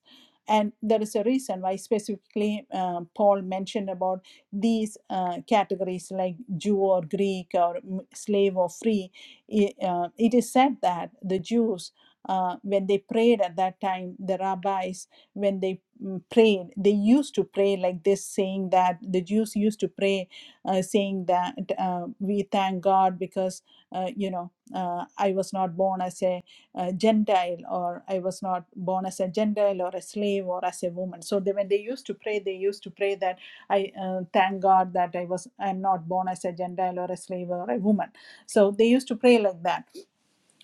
S1: And there is a reason why specifically uh, Paul mentioned about these uh, categories like Jew or Greek or slave or free. I- uh, it is said that the Jews, uh, when they prayed at that time, the rabbis, when they mm, prayed, they used to pray like this, saying that the Jews used to pray, uh, saying that uh, we thank God because, uh, you know, uh, I was not born as a uh, Gentile, or I was not born as a Gentile or a slave or as a woman. So they, when they used to pray, they used to pray that I uh, thank God that I was I'm not born as a Gentile or a slave or a woman. So they used to pray like that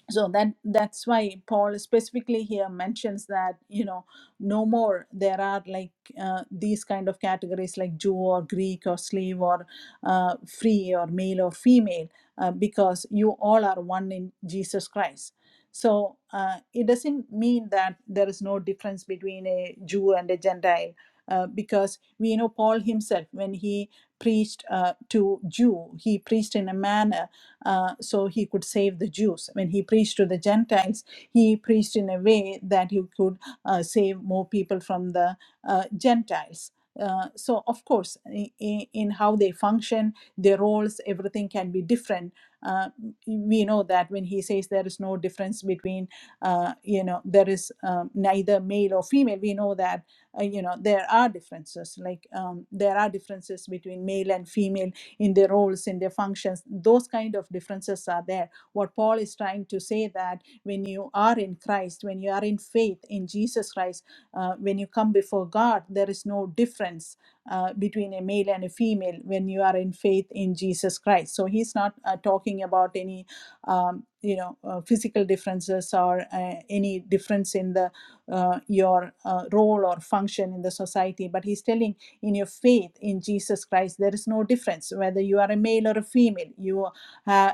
S1: so that that's why paul specifically here mentions that you know no more there are like uh, these kind of categories like jew or greek or slave or uh, free or male or female uh, because you all are one in jesus christ so uh, it doesn't mean that there is no difference between a jew and a gentile uh, because we know paul himself when he preached uh, to jew he preached in a manner uh, so he could save the Jews. When he preached to the Gentiles, he preached in a way that he could uh, save more people from the uh, Gentiles. Uh, so, of course, in, in how they function, their roles, everything can be different. Uh, we know that when he says there is no difference between, uh, you know, there is um, neither male or female, we know that, uh, you know, there are differences. Like um, there are differences between male and female in their roles in their functions those kind of differences are there what paul is trying to say that when you are in christ when you are in faith in jesus christ uh, when you come before god there is no difference uh, between a male and a female when you are in faith in jesus christ so he's not uh, talking about any um, you know uh, physical differences or uh, any difference in the uh, your uh, role or function in the society but he's telling in your faith in Jesus Christ. There is no difference whether you are a male or a female. You uh,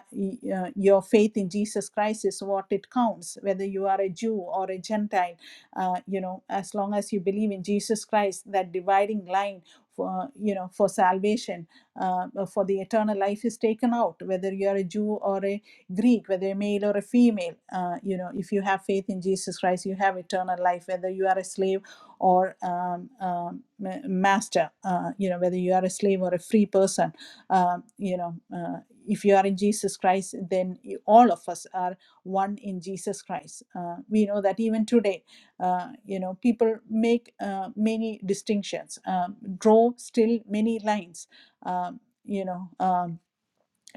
S1: uh, your faith in Jesus Christ is what it counts, whether you are a Jew or a Gentile. Uh, you know, as long as you believe in Jesus Christ, that dividing line. For, you know for salvation uh, for the eternal life is taken out whether you are a jew or a greek whether a male or a female uh, you know if you have faith in jesus christ you have eternal life whether you are a slave or um, um, master, uh, you know, whether you are a slave or a free person, um, you know, uh, if you are in Jesus Christ, then you, all of us are one in Jesus Christ. Uh, we know that even today, uh, you know, people make uh, many distinctions, um, draw still many lines, um, you know. Um,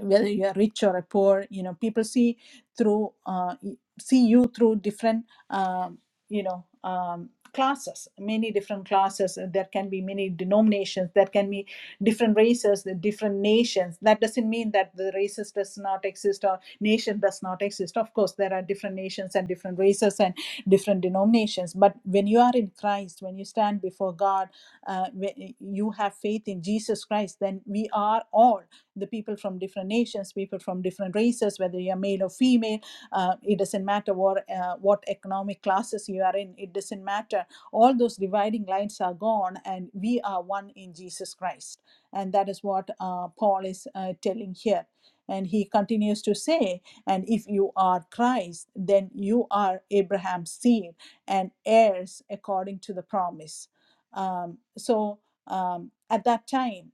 S1: whether you are rich or poor you know people see through uh, see you through different um, you know um, classes many different classes there can be many denominations there can be different races the different nations that doesn't mean that the races does not exist or nation does not exist of course there are different nations and different races and different denominations but when you are in christ when you stand before god uh, when you have faith in jesus christ then we are all the people from different nations, people from different races, whether you're male or female, uh, it doesn't matter what, uh, what economic classes you are in, it doesn't matter. All those dividing lines are gone, and we are one in Jesus Christ. And that is what uh, Paul is uh, telling here. And he continues to say, and if you are Christ, then you are Abraham's seed and heirs according to the promise. Um, so um, at that time,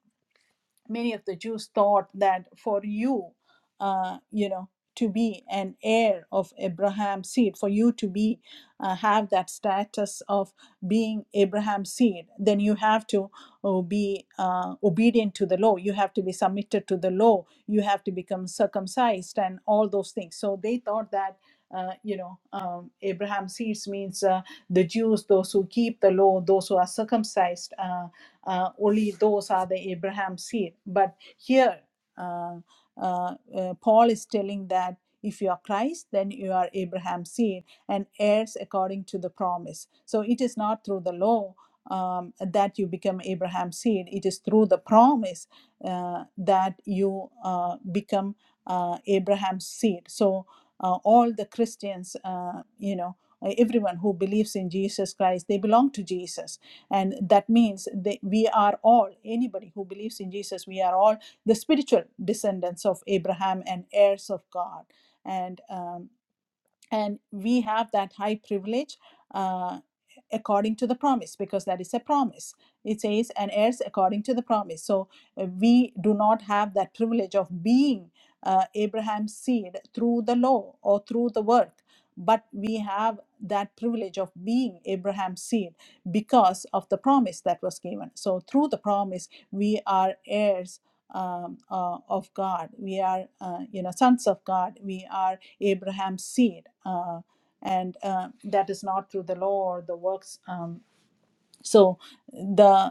S1: many of the Jews thought that for you, uh, you know, to be an heir of Abraham's seed, for you to be uh, have that status of being Abraham's seed, then you have to uh, be uh, obedient to the law. You have to be submitted to the law. You have to become circumcised and all those things. So they thought that uh, you know, um, Abraham seeds means uh, the Jews, those who keep the law, those who are circumcised, uh, uh, only those are the Abraham seed. But here, uh, uh, uh, Paul is telling that if you are Christ, then you are Abraham's seed and heirs according to the promise. So it is not through the law um, that you become Abraham's seed, it is through the promise uh, that you uh, become uh, Abraham's seed. So uh, all the Christians, uh, you know, uh, everyone who believes in Jesus Christ, they belong to Jesus. And that means that we are all, anybody who believes in Jesus, we are all the spiritual descendants of Abraham and heirs of God. And um, and we have that high privilege uh, according to the promise because that is a promise it says and heirs according to the promise so uh, we do not have that privilege of being uh, abraham's seed through the law or through the work but we have that privilege of being abraham's seed because of the promise that was given so through the promise we are heirs um, uh, of God. We are, uh, you know, sons of God. We are Abraham's seed, uh, and uh, that is not through the law or the works. Um, so the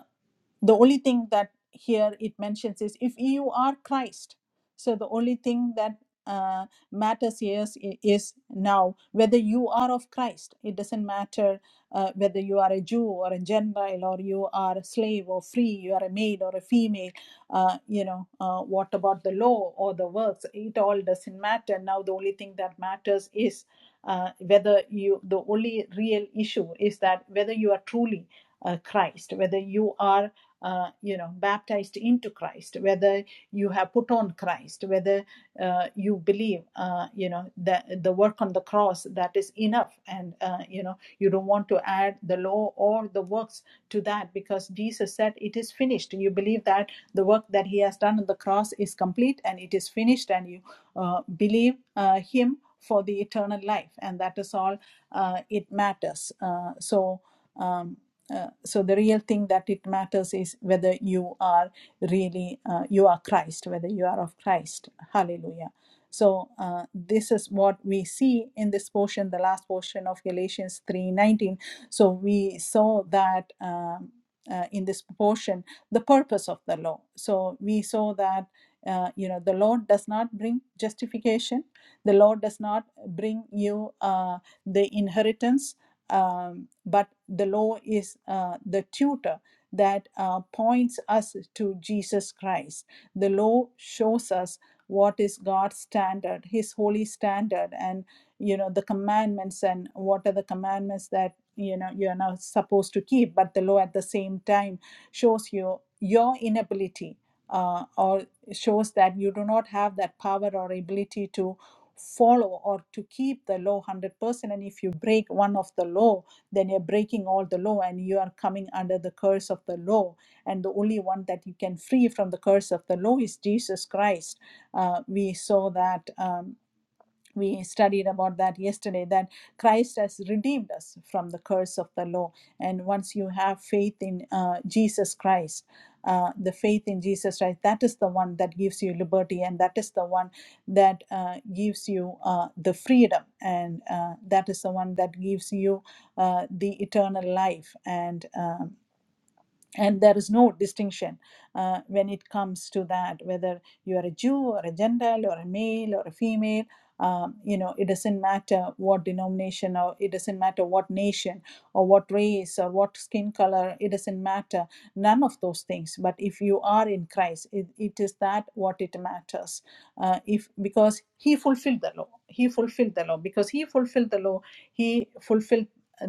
S1: the only thing that here it mentions is if you are christ so the only thing that uh, matters here is is now whether you are of christ it doesn't matter uh, whether you are a jew or a gentile or you are a slave or free you are a maid or a female uh, you know uh, what about the law or the works it all doesn't matter now the only thing that matters is uh, whether you the only real issue is that whether you are truly uh, christ whether you are uh, you know, baptized into Christ, whether you have put on Christ, whether uh, you believe, uh, you know, that the work on the cross that is enough, and uh, you know, you don't want to add the law or the works to that because Jesus said it is finished. You believe that the work that He has done on the cross is complete and it is finished, and you uh, believe uh, Him for the eternal life, and that is all uh, it matters. Uh, so. Um, uh, so the real thing that it matters is whether you are really uh, you are christ whether you are of christ hallelujah so uh, this is what we see in this portion the last portion of galatians 3.19 so we saw that um, uh, in this portion the purpose of the law so we saw that uh, you know the law does not bring justification the law does not bring you uh, the inheritance um, but the law is uh, the tutor that uh, points us to Jesus Christ. The law shows us what is God's standard, His holy standard, and you know the commandments and what are the commandments that you know you're not supposed to keep. But the law at the same time shows you your inability. Uh, or shows that you do not have that power or ability to follow or to keep the law 100% and if you break one of the law then you're breaking all the law and you are coming under the curse of the law and the only one that you can free from the curse of the law is jesus christ uh, we saw that um, we studied about that yesterday that christ has redeemed us from the curse of the law and once you have faith in uh, jesus christ uh, the faith in jesus christ that is the one that gives you liberty and that is the one that uh, gives you uh, the freedom and uh, that is the one that gives you uh, the eternal life and uh, and there is no distinction uh, when it comes to that whether you are a jew or a gentile or a male or a female um, you know it doesn't matter what denomination or it doesn't matter what nation or what race or what skin color it doesn't matter none of those things but if you are in christ it, it is that what it matters uh, if because he fulfilled the law he fulfilled the law because he fulfilled the law he fulfilled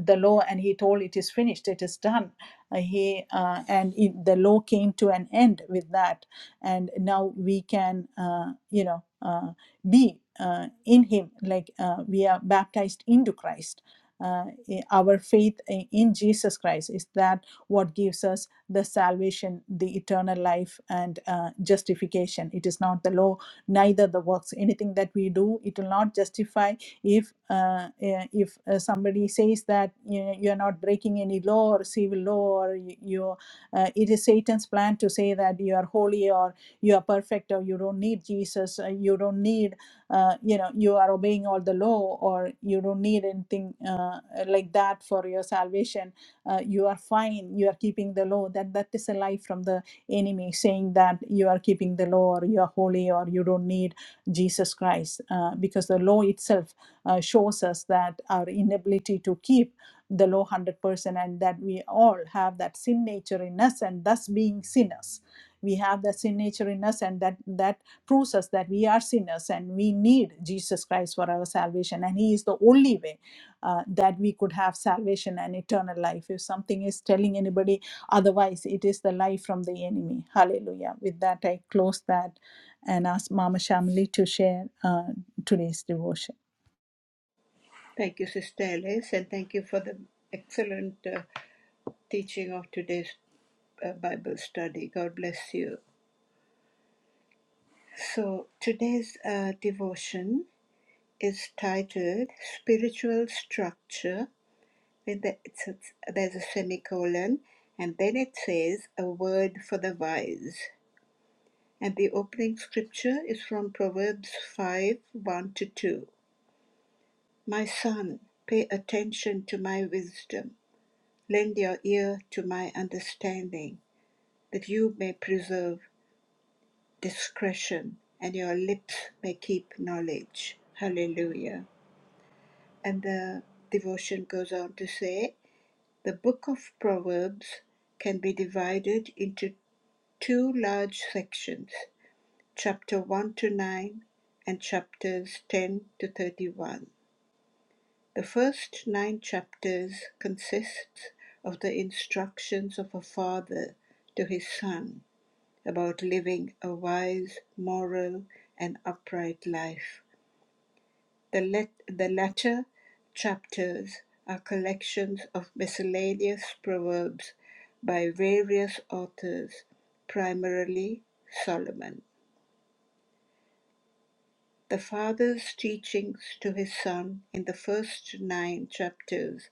S1: the law and he told it is finished it is done uh, he uh, and it, the law came to an end with that, and now we can, uh, you know, uh, be uh, in Him, like uh, we are baptized into Christ. Uh, eh, our faith eh, in Jesus Christ is that what gives us the salvation, the eternal life, and uh, justification. It is not the law, neither the works. Anything that we do, it will not justify if uh, eh, if uh, somebody says that you know, you are not breaking any law or civil law or you, you uh, it is satan's plan to say that you are holy or you are perfect or you don't need jesus uh, you don't need uh, you know you are obeying all the law or you don't need anything uh, like that for your salvation uh, you are fine you are keeping the law that that is a lie from the enemy saying that you are keeping the law or you are holy or you don't need jesus christ uh, because the law itself uh, shows us that our inability to keep the low 100% and that we all have that sin nature in us and thus being sinners we have that sin nature in us and that that proves us that we are sinners and we need jesus christ for our salvation and he is the only way uh, that we could have salvation and eternal life if something is telling anybody otherwise it is the lie from the enemy hallelujah with that i close that and ask mama shamli to share uh, today's devotion
S3: Thank you, Sister Alice, and thank you for the excellent uh, teaching of today's uh, Bible study. God bless you. So, today's uh, devotion is titled Spiritual Structure with the, it's, it's, there's a semicolon, and then it says a word for the wise. And the opening scripture is from Proverbs 5 1 to 2. My son, pay attention to my wisdom, lend your ear to my understanding, that you may preserve discretion and your lips may keep knowledge. Hallelujah. And the devotion goes on to say, the book of Proverbs can be divided into two large sections, chapter 1 to 9 and chapters 10 to 31. The first nine chapters consists of the instructions of a father to his son about living a wise, moral, and upright life. The, let, the latter chapters are collections of miscellaneous proverbs by various authors, primarily Solomon. The Father's teachings to his Son in the first nine chapters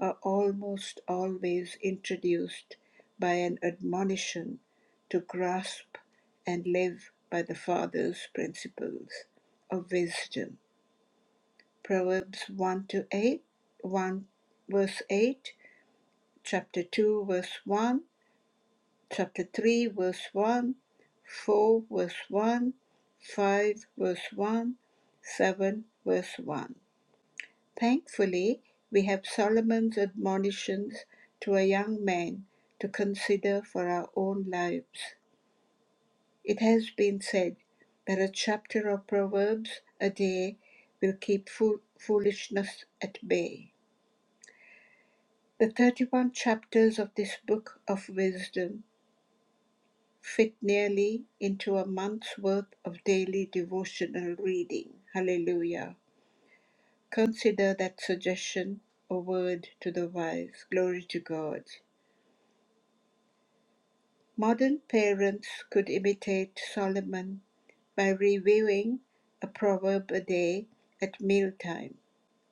S3: are almost always introduced by an admonition to grasp and live by the Father's principles of wisdom. Proverbs 1 to 8, 1 verse 8, chapter 2 verse 1, chapter 3 verse 1, 4 verse 1, 5 verse 1, 7 verse 1. Thankfully, we have Solomon's admonitions to a young man to consider for our own lives. It has been said that a chapter of Proverbs a day will keep fool- foolishness at bay. The 31 chapters of this book of wisdom fit nearly into a month's worth of daily devotional reading. Hallelujah. Consider that suggestion a word to the wise. Glory to God. Modern parents could imitate Solomon by reviewing a proverb a day at mealtime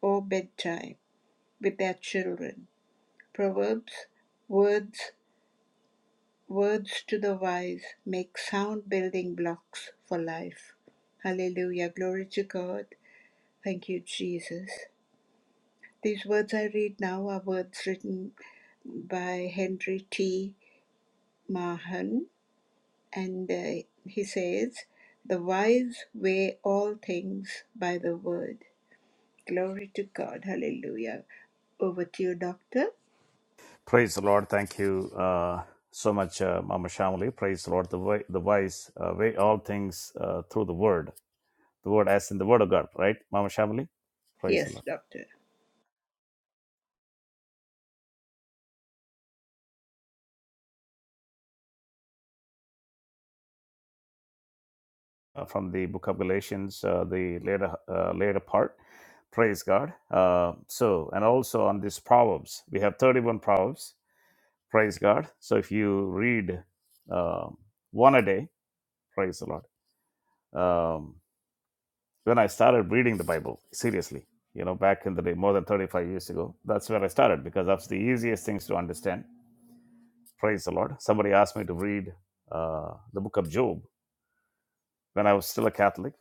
S3: or bedtime with their children. Proverbs, words, words to the wise make sound building blocks for life. Hallelujah. Glory to God. Thank you, Jesus. These words I read now are words written by Henry T. Mahan and uh, he says, The wise weigh all things by the word. Glory to God. Hallelujah. Over to you, Doctor.
S2: Praise the Lord. Thank you uh, so much, uh, Mama Shamali. Praise the Lord. The, way, the wise uh, weigh all things uh, through the word. The word as in the word of God, right, Mama Shamali? Praise the Lord.
S3: Yes, Doctor.
S2: uh, from the book of Galatians, uh, the later uh, later part. Praise God. Uh, so, and also on these proverbs, we have 31 proverbs. Praise God. So, if you read um one a day, praise the Lord. Um, when I started reading the Bible seriously, you know, back in the day, more than 35 years ago, that's where I started because that's the easiest things to understand. Praise the Lord. Somebody asked me to read uh, the book of Job when I was still a Catholic.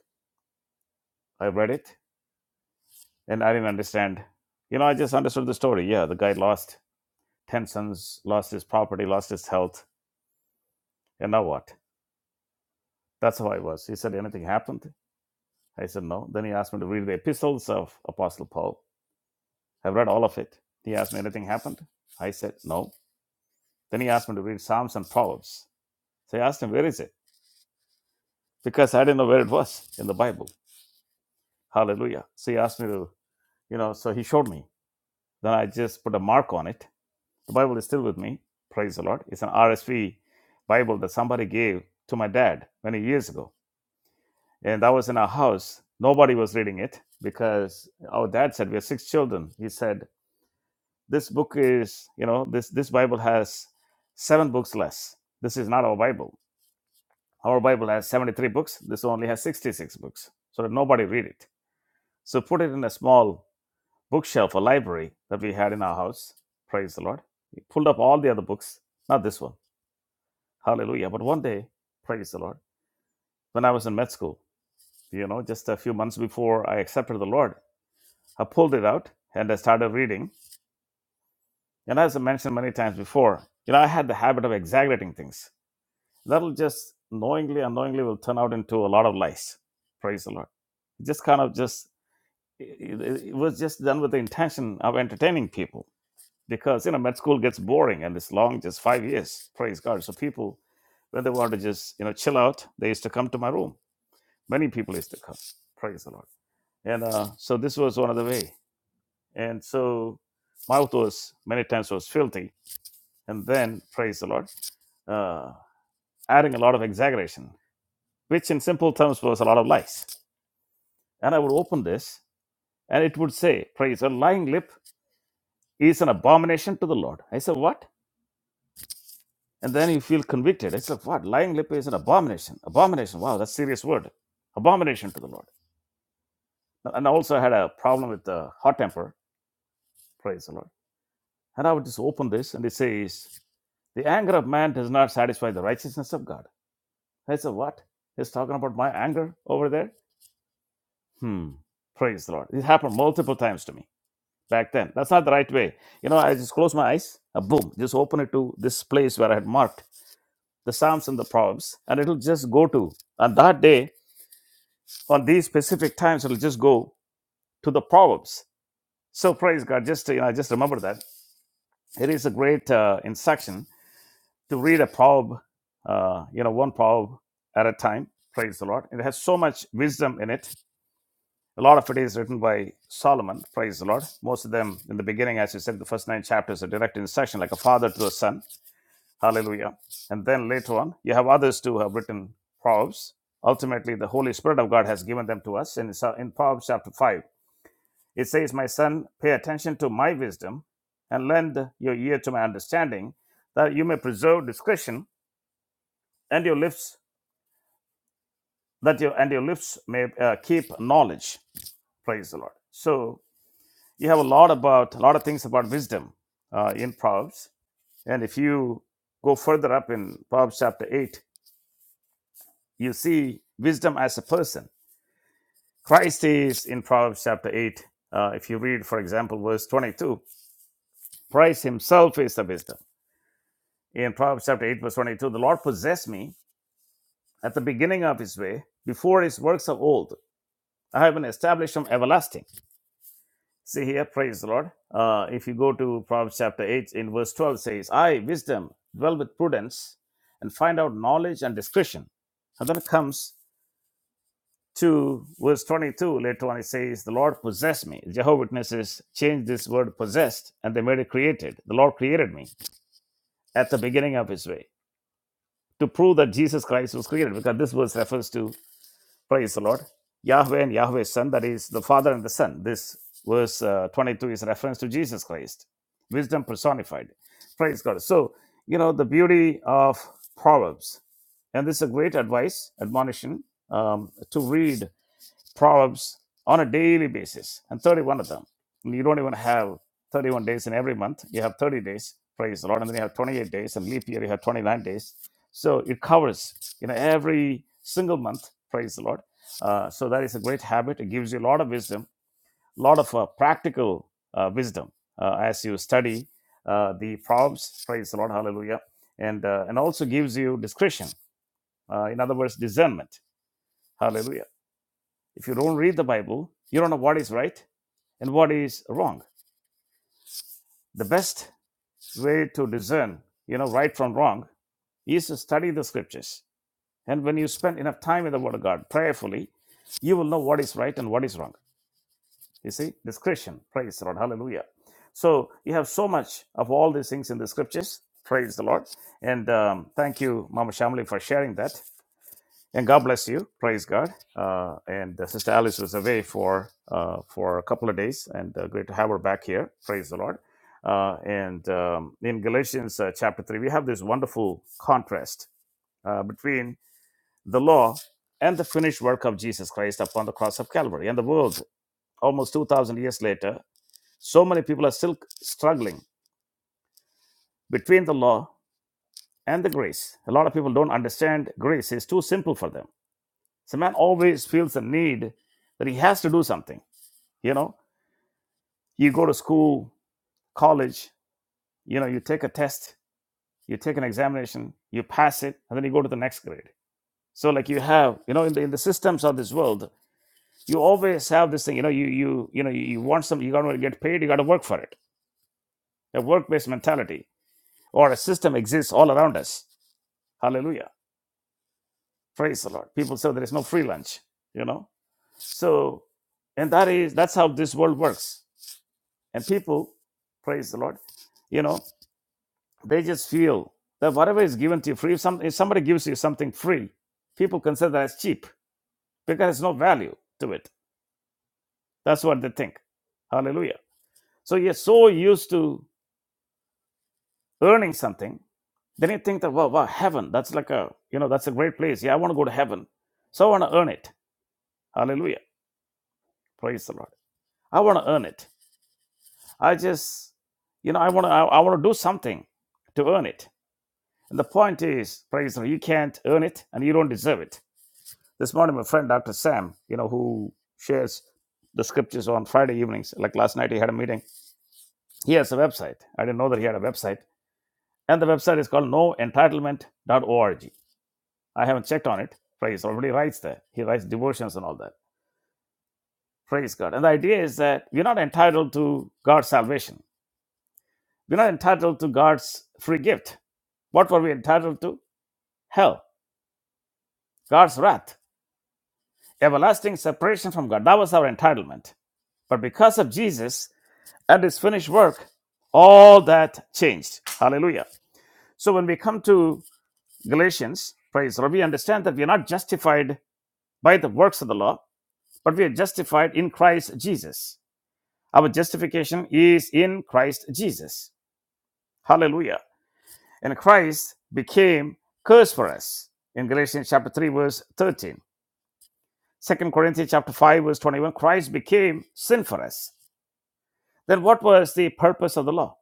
S2: I read it And I didn't understand. You know, I just understood the story. Yeah, the guy lost 10 sons, lost his property, lost his health. And now what? That's how I was. He said, Anything happened? I said, No. Then he asked me to read the epistles of Apostle Paul. I've read all of it. He asked me, Anything happened? I said, No. Then he asked me to read Psalms and Proverbs. So I asked him, Where is it? Because I didn't know where it was in the Bible. Hallelujah. So he asked me to, you know, so he showed me. Then I just put a mark on it The Bible is still with me. Praise the Lord. It's an RSV Bible that somebody gave to my dad many years ago. And that was in our house. Nobody was reading it because our dad said, We have six children. He said, This book is, you know, this, this Bible has seven books less. This is not our Bible. Our Bible has 73 books. This only has 66 books. So that nobody read it. So put it in a small bookshelf, a library that we had in our house. Praise the Lord. He pulled up all the other books, not this one Hallelujah. But one day, praise the Lord, when I was in med school, you know, just a few months before I accepted the Lord, I pulled it out and I started reading. And as I mentioned many times before, you know, I had the habit of exaggerating things. That'll just knowingly, unknowingly will turn out into a lot of lies. Praise the Lord. Just kind of just, it, it it was just done with the intention of entertaining people because, you know, med school gets boring and it's long, just five years. Praise God. So people, when they want to just, you know, chill out, they used to come to my room many people used to come. Praise the Lord. And uh, so this was one of the way. And so mouth was many times was filthy. And then praise the Lord, uh, adding a lot of exaggeration, which in simple terms was a lot of lies. And I would open this, and it would say, "Praise a lying lip is an abomination to the Lord." I said, "What?" And then you feel convicted. I said, "What? Lying lip is an abomination. Abomination. Wow, that's a serious word. Abomination to the Lord." And I also had a problem with the hot temper. Praise the Lord And I would just open this and it says, The anger of man does not satisfy the righteousness of God. I said, What? He's talking about my anger over there? Hmm. Praise the Lord. It happened multiple times to me back then. That's not the right way. You know, I just close my eyes, uh, boom, just open it to this place where I had marked the Psalms and the Proverbs, and it'll just go to, on that day, on these specific times, it'll just go to the Proverbs. So praise God. Just, you know, I just remember that. It is a great uh, instruction to read a proverb, uh, you know, one proverb at a time. Praise the Lord. It has so much wisdom in it. A lot of it is written by Solomon. Praise the Lord. Most of them in the beginning, as you said, the first nine chapters are direct instruction, like a father to a son. Hallelujah. And then later on, you have others too who have written proverbs. Ultimately, the Holy Spirit of God has given them to us. And it's, uh, in Proverbs chapter five, it says, "My son, pay attention to my wisdom, and lend your ear to my understanding, that you may preserve discretion, and your lips that your and your lips may uh, keep knowledge. Praise the Lord. So you have a lot about a lot of things about wisdom uh, in Proverbs, and if you go further up in Proverbs chapter eight, you see wisdom as a person. Christ is in Proverbs chapter eight. Uh, if you read, for example, verse twenty-two, Christ Himself is the wisdom. In Proverbs chapter eight, verse twenty-two, the Lord possessed me at the beginning of His way, before His works of old. I have been established from everlasting. See here, praise the Lord. Uh, if you go to Proverbs chapter 8 in verse 12 says, I, wisdom, dwell with prudence and find out knowledge and discretion. And then it comes to verse 22. Later on it says, the Lord possessed me. The Jehovah Witnesses changed this word possessed and they made it created. The Lord created me at the beginning of his way to prove that Jesus Christ was created because this verse refers to Praise the Lord. Yahweh and Yahweh's Son, that is the Father and the Son. This verse uh, 22 is a reference to Jesus Christ, wisdom personified. Praise God. So, you know, the beauty of Proverbs. And this is a great advice, admonition um, to read Proverbs on a daily basis, and 31 of them. And you don't even have 31 days in every month. You have 30 days, praise the Lord, and then you have 28 days, and leap year you have 29 days. So it covers you know every single month, praise the Lord. Uh, so that is a great habit. It gives you a lot of wisdom, a lot of uh, practical uh, wisdom uh, as you study uh, the Proverbs, praise the Lord, hallelujah, and uh, and also gives you discretion. Uh, in other words, discernment, hallelujah if you don't read the Bible, you don't know what is right and what is wrong. The best way to discern, you know, right from wrong is to study the scriptures. And when you spend enough time in the Word of God prayerfully, you will know what is right and what is wrong. You see, discretion. Praise the Lord. Hallelujah. So you have so much of all these things in the scriptures. Praise the Lord. And um, thank you, Mama Shamli, for sharing that. And God bless you. Praise God. Uh, and uh, Sister Alice was away for uh, for a couple of days, and uh, great to have her back here. Praise the Lord. Uh, and um, in Galatians uh, chapter three, we have this wonderful contrast uh, between the law and the finished work of Jesus Christ upon the cross of Calvary. And the world, almost two thousand years later, so many people are still struggling between the law and the grace. A lot of people don't understand grace; it's too simple for them So man always feels the need that he has to do something. You know, you go to school, college, you know, you take a test, you take an examination, you pass it, and then you go to the next grade. So like you have, you know, in the, in the systems of this world, you always have this thing, you know, you you you know, you, you want something, you gotta get paid, you gotta work for it. A work-based mentality or a system exists all around us. Hallelujah. Praise the Lord. People say there is no free lunch, you know. So and that is that's how this world works And people, praise the Lord, you know, they just feel that whatever is given to you free, if, some, if somebody gives you something free, people consider that as cheap because there's no value to it. That's what they think. Hallelujah. So you're so used to earning something, then you think that, wow, wow, heaven, that's like a, you know, that's a great place. Yeah, I want to go to heaven. So I want to earn it. Hallelujah. Praise the Lord. I want to earn it. I just, you know, I want to, I, I want to do something to earn it. And the point is, Fraser, you can't earn it and you don't deserve it. This morning, my friend Dr. Sam, you know, who shares the scriptures on Friday evenings, like last night, he had a meeting. He has a website. I didn't know that he had a website. And the website is called noentitlement.org. I haven't checked on it. Fraser already writes there. He writes devotions and all that. Praise God. And the idea is that we're not entitled to God's salvation. We're not entitled to God's free gift. What were we entitled to? Hell, God's wrath. Everlasting separation from God. That was our entitlement. But because of Jesus and his finished work, all that changed. Hallelujah. So when we come to Galatians, praise the Lord, we understand that we are not justified by the works of the law, but we are justified in Christ Jesus. Our justification is in Christ Jesus. Hallelujah. And Christ became curse for us in Galatians chapter 3, verse 13. Second Corinthians chapter 5, verse 21, Christ became sin for us. then what was the purpose of the law?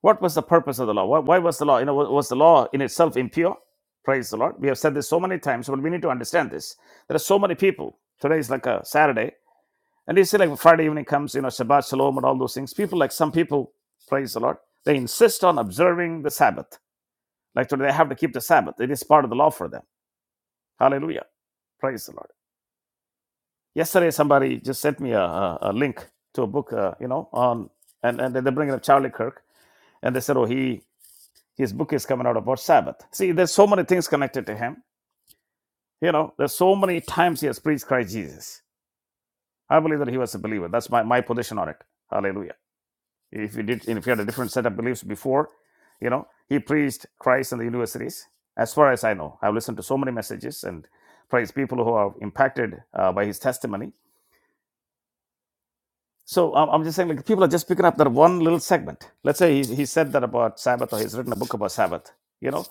S2: What was the purpose of the law? Why, was the law? You know, was, was the law in itself impure? Praise the Lord. We have said this so many times, but we need to understand this. There are so many people. Today is like a Saturday, and you see, like Friday evening comes, you know, Shabbat Shalom and all those things. People, like some people, praise the Lord, they insist on observing the Sabbath. Like today, they have to keep the Sabbath. It is part of the law for them. Hallelujah. Praise the Lord. Yesterday, somebody just sent me a, a, a link to a book, uh, you know, on and, and they bring up Charlie Kirk, and they said, oh, he His book is coming out about Sabbath. See, there's so many things connected to him. You know, there's so many times he has preached Christ Jesus. I believe that he was a believer. That's my, my position on it. Hallelujah. If you did, if you had a different set of beliefs before, you know, he preached Christ in the universities. As far as I know, I've listened to so many messages and praise people who are impacted uh, by his testimony. So um, I'm just saying, like, people are just picking up that one little segment. Let's say he, he said that about Sabbath, or he's written a book about Sabbath. You know,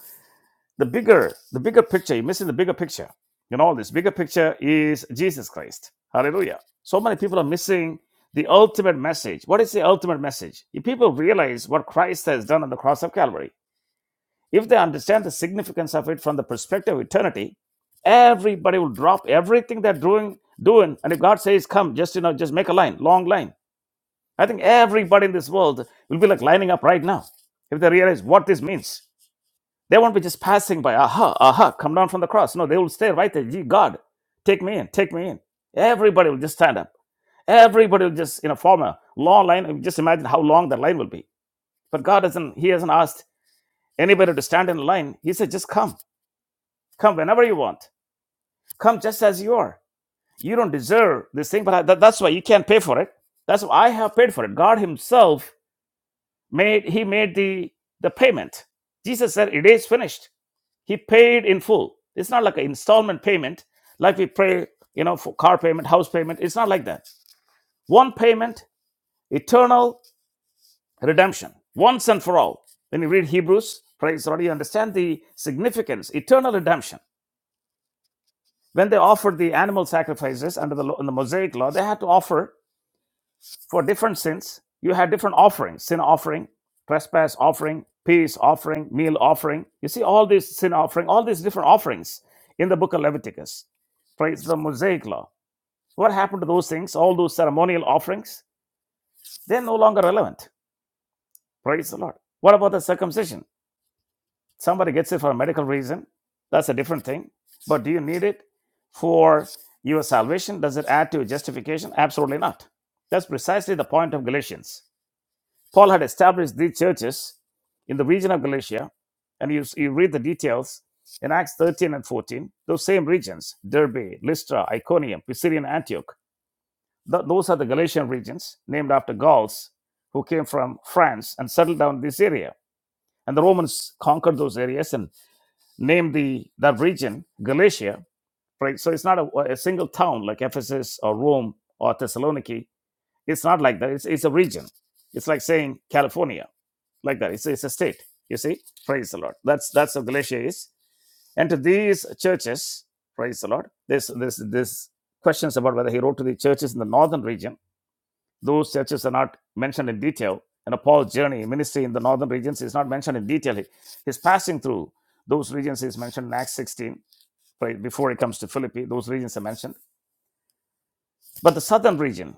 S2: the bigger the bigger picture you're missing the bigger picture you know this bigger picture is jesus christ hallelujah so many people are missing the ultimate message what is the ultimate message if people realize what christ has done on the cross of calvary if they understand the significance of it from the perspective of eternity everybody will drop everything they're doing doing and if god says come just you know just make a line long line i think everybody in this world will be like lining up right now if they realize what this means they won't be just passing by, aha, aha, come down from the cross. No, they will stay right there. Gee, God, take me in, take me in. Everybody will just stand up. Everybody will just, you know, form a long line. Just imagine how long that line will be. But God does not He hasn't asked anybody to stand in line. He said, just come. Come whenever you want. Come just as you are. You don't deserve this thing, but I, that, that's why you can't pay for it. That's why I have paid for it. God Himself made, He made the, the payment. Jesus said, it is finished He paid in full. It's not like an installment payment, like we pay, you know, for car payment, house payment. It's not like that. One payment, eternal redemption, once and for all. When you read Hebrews, praise the Lord, you understand the significance, eternal redemption. When they offered the animal sacrifices under the, law, in the Mosaic law, they had to offer For different sins, you had different offerings sin offering, trespass offering, peace offering, meal offering. You see, all these sin offering, all these different offerings in the book of Leviticus. Praise the Mosaic law. What happened to those things, all those ceremonial offerings? They're no longer relevant. Praise the Lord. What about the circumcision? Somebody gets it for a medical reason. That's a different thing. But do you need it for your salvation? Does it add to your justification? Absolutely not. That's precisely the point of Galatians. Paul had established these churches in the region of Galatia, and you, you read the details in Acts 13 and 14, those same regions, Derbe, Lystra, Iconium, Pisidian Antioch. Th- those are the Galatian regions named after Gauls who came from France and settled down in this area. And the Romans conquered those areas and named the that region Galatia. Right? So it's not a, a single town like Ephesus or Rome or Thessaloniki it's not like that. It's, it's a region. It's like saying California, like that. It's, it's a state. You see? Praise the Lord. That's that's how Galatia is. And to these churches, praise the Lord, this this this questions about whether he wrote to the churches in the northern region. Those churches are not mentioned in detail. And Paul's journey, ministry in the northern regions is not mentioned in detail. He- His passing through those regions is mentioned in Acts 16, right, before it comes to Philippi. Those regions are mentioned. But the southern region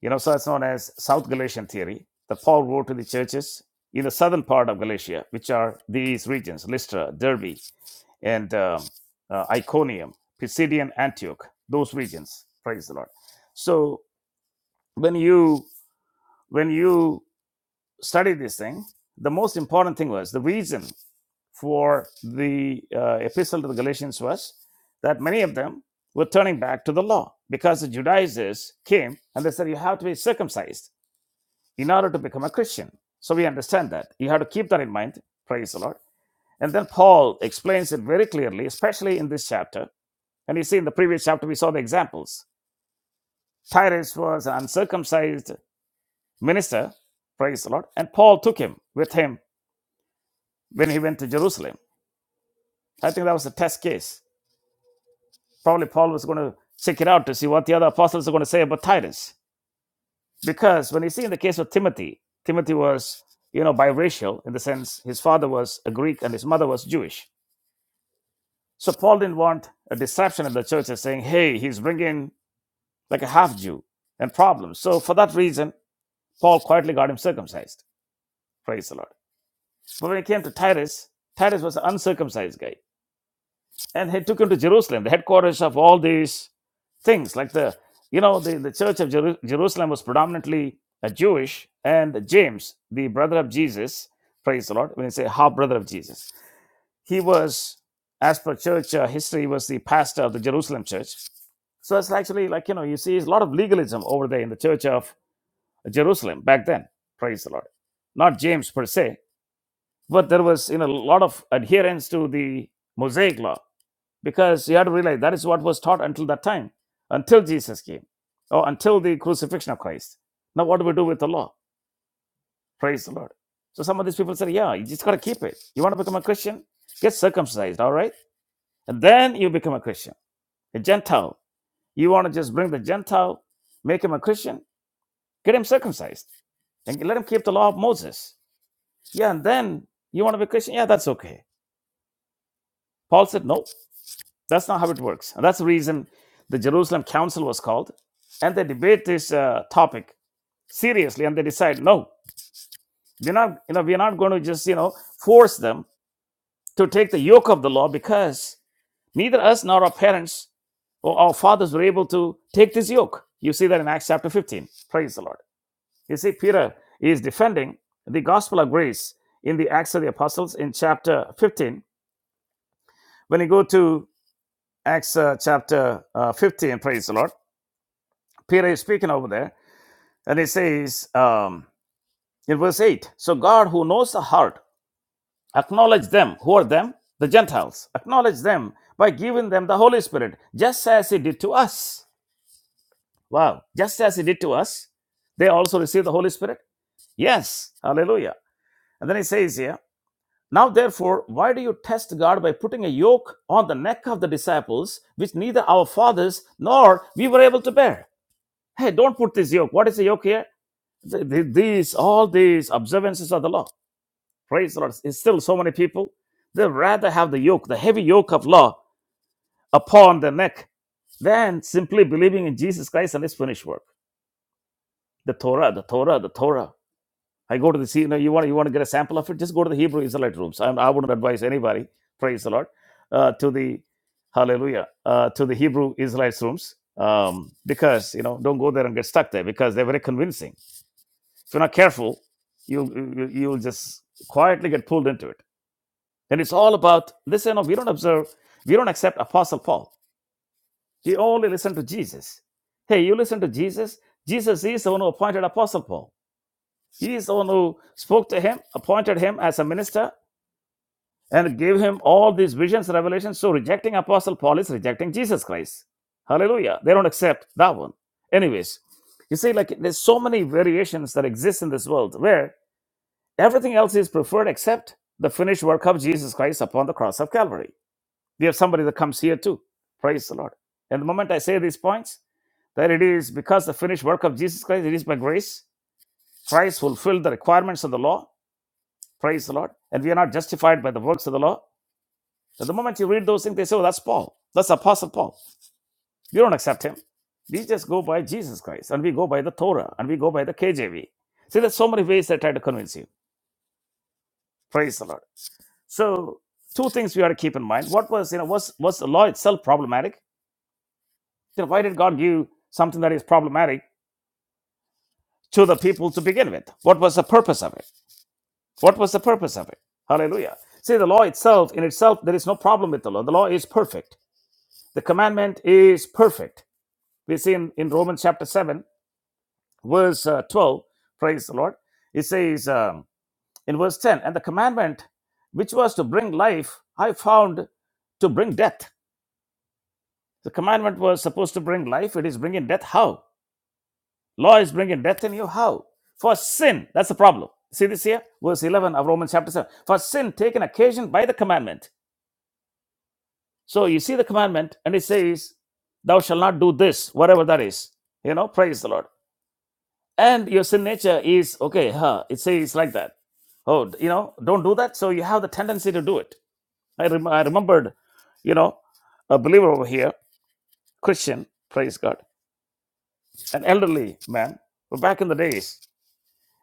S2: You know, so it's known as South Galatian theory. The Paul wrote to the churches in the southern part of Galatia, which are these regions Lystra, Derbe, and um, uh, Iconium, Pisidian Antioch, those regions. Praise the Lord. So when you when you study this thing, the most important thing was the reason for the uh, epistle to the Galatians was that many of them were turning back to the law because the Judaizers came and they said you have to be circumcised in order to become a Christian. So we understand that. You have to keep that in mind. Praise the Lord. And then Paul explains it very clearly, especially in this chapter. And you see, in the previous chapter, we saw the examples. Tyrus was an uncircumcised minister. Praise the Lord. And Paul took him with him when he went to Jerusalem. I think that was a test case. Probably Paul was going to check it out to see what the other apostles are going to say about Titus. Because when you see in the case of Timothy, Timothy was, you know, biracial in the sense his father was a Greek and his mother was Jewish. So Paul didn't want a disruption in the church as saying, hey, he's bringing like a half Jew and problems. So for that reason, Paul quietly got him circumcised. Praise the Lord. But when it came to Titus, Titus was an uncircumcised guy. And he took him to Jerusalem, the headquarters of all these things. Like the, you know, the, the church of Jeru- Jerusalem was predominantly a Jewish. And James, the brother of Jesus, praise the Lord, when you say half brother of Jesus, he was, as per church uh, history, he was the pastor of the Jerusalem church So it's actually like, you know, you see a lot of legalism over there in the church of Jerusalem back then. Praise the Lord. Not James per se, but there was, you know, a lot of adherence to the Mosaic law because you had to realize that is what was taught until that time, until Jesus came or until the crucifixion of Christ. Now, what do we do with the law? Praise the Lord. So some of these people say, yeah, you just got to keep it. You want to become a Christian? Get circumcised, all right? And then you become a Christian, a Gentile. You want to just bring the Gentile, make him a Christian? Get him circumcised and let him keep the law of Moses. Yeah, and then you want to be Christian? Yeah, that's okay. Paul said, no, that's not how it works. And that's the reason the Jerusalem Council was called. And they debate this uh, topic seriously and they decide, no, we're not, you know, we're not going to just, you know, force them to take the yoke of the law because neither us nor our parents or our fathers were able to take this yoke. You see that in Acts chapter 15. Praise the Lord. You see, Peter is defending the gospel of grace in the Acts of the Apostles in chapter 15. When you go to Acts uh, chapter uh, 15, praise the Lord, Peter is speaking over there, and he says um, in verse 8 So God, who knows the heart, acknowledge them. Who are them? The Gentiles. Acknowledge them by giving them the Holy Spirit, just as He did to us. Wow. Just as He did to us, they also received the Holy Spirit? Yes. Hallelujah. And then He says here, Now, therefore, why do you test God by putting a yoke on the neck of the disciples, which neither our fathers nor we were able to bear? Hey, don't put this yoke. What is the yoke here? These, all these observances of the law. Praise the Lord. It's still so many people, they rather have the yoke, the heavy yoke of law upon their neck than simply believing in Jesus Christ and his finished work. The Torah, the Torah, the Torah. I go to the you know, you want you want to get a sample of it, just go to the Hebrew Israelite rooms. I, I wouldn't advise anybody, praise the Lord, uh, to the Hallelujah, uh, to the Hebrew Israelite rooms um, because you know don't go there and get stuck there because they're very convincing. If you're not careful, you you you'll just quietly get pulled into it. And it's all about listen. no, We don't observe, we don't accept Apostle Paul. We only listen to Jesus. Hey, you listen to Jesus. Jesus is the one who appointed Apostle Paul. He is the one who spoke to him, appointed him as a minister, and gave him all these visions, revelations. So rejecting Apostle Paul is rejecting Jesus Christ. Hallelujah. They don't accept that one. Anyways, you see, like there's so many variations that exist in this world where everything else is preferred except the finished work of Jesus Christ upon the cross of Calvary. We have somebody that comes here too. Praise the Lord. And the moment I say these points, that it is because the finished work of Jesus Christ, it is by grace. Christ fulfilled the requirements of the law Praise the Lord. And we are not justified by the works of the law. At the moment you read those things, they say, oh, that's Paul. That's Apostle Paul. We don't accept him. We just go by Jesus Christ and we go by the Torah and we go by the KJV. See, there's so many ways they try to convince you. Praise the Lord. So, two things we ought to keep in mind. What was, you know, was, was the law itself problematic? You know, why did God give something that is problematic to the people to begin with? What was the purpose of it? What was the purpose of it? Hallelujah. See, the law itself, in itself, there is no problem with the law. The law is perfect. The commandment is perfect. We see in, in Romans chapter 7, verse uh, 12, praise the Lord. It says um, in verse 10, and the commandment which was to bring life, I found to bring death. The commandment was supposed to bring life, it is bringing death. How? Law is bringing death in you. How? For sin, that's the problem. See this here? Verse 11 of Romans chapter 7. For sin taken occasion by the commandment. So you see the commandment, and it says, Thou shalt not do this, whatever that is. You know, praise the Lord. and your sin nature is okay huh it says like that oh you know don't do that so you have the tendency to do it i, rem- I remembered you know a believer over here christian praise god an elderly man but back in the days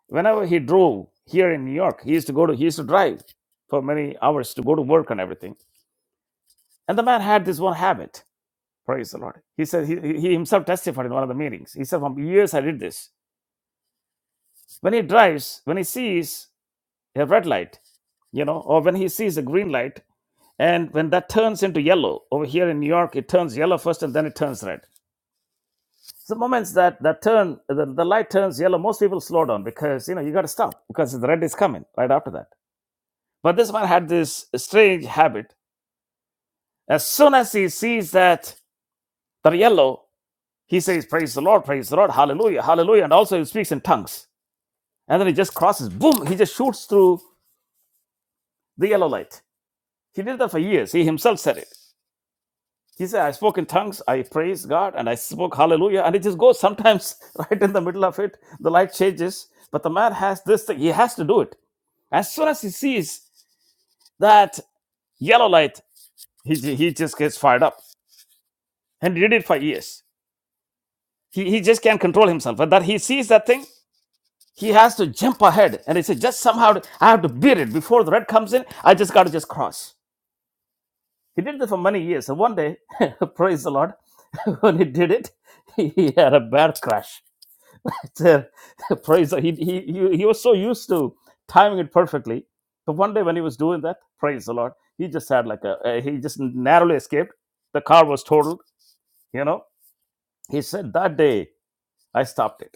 S2: whenever he drove here in new york he used to go to he used to drive for many hours to go to work and everything and the man had this one habit praise the lord he said he, he he himself testified in one of the meetings he said from years i did this when he drives when he sees a red light, you know, or when he sees a green light, and when that turns into yellow, over here in New York, it turns yellow first and then it turns red. So the moments that that turn, the, the light turns yellow, most people slow down because you know you got to stop because the red is coming right after that. But this man had this strange habit. As soon as he sees that the yellow, he says, "Praise the Lord, praise the Lord, Hallelujah, Hallelujah," and also he speaks in tongues. And then he just crosses, boom, he just shoots through the yellow light. He did that for years. He himself said it. He said, I spoke in tongues, I praised God, and I spoke hallelujah. And it just goes sometimes right in the middle of it, the light changes. But the man has this thing, he has to do it. As soon as he sees that yellow light, he, he just gets fired up. And he did it for years. He, he just can't control himself. But that he sees that thing, he has to jump ahead. And he said, just somehow, to- I have to beat it. Before the red comes in, I just got to just cross. He did this for many years. And one day, praise the Lord, when he did it, he had a bad crash So, praise the- he, he he he was so used to timing it perfectly So one day when he was doing that praise the lord he just had like a, a he just narrowly escaped the car was totaled you know he said that day i stopped it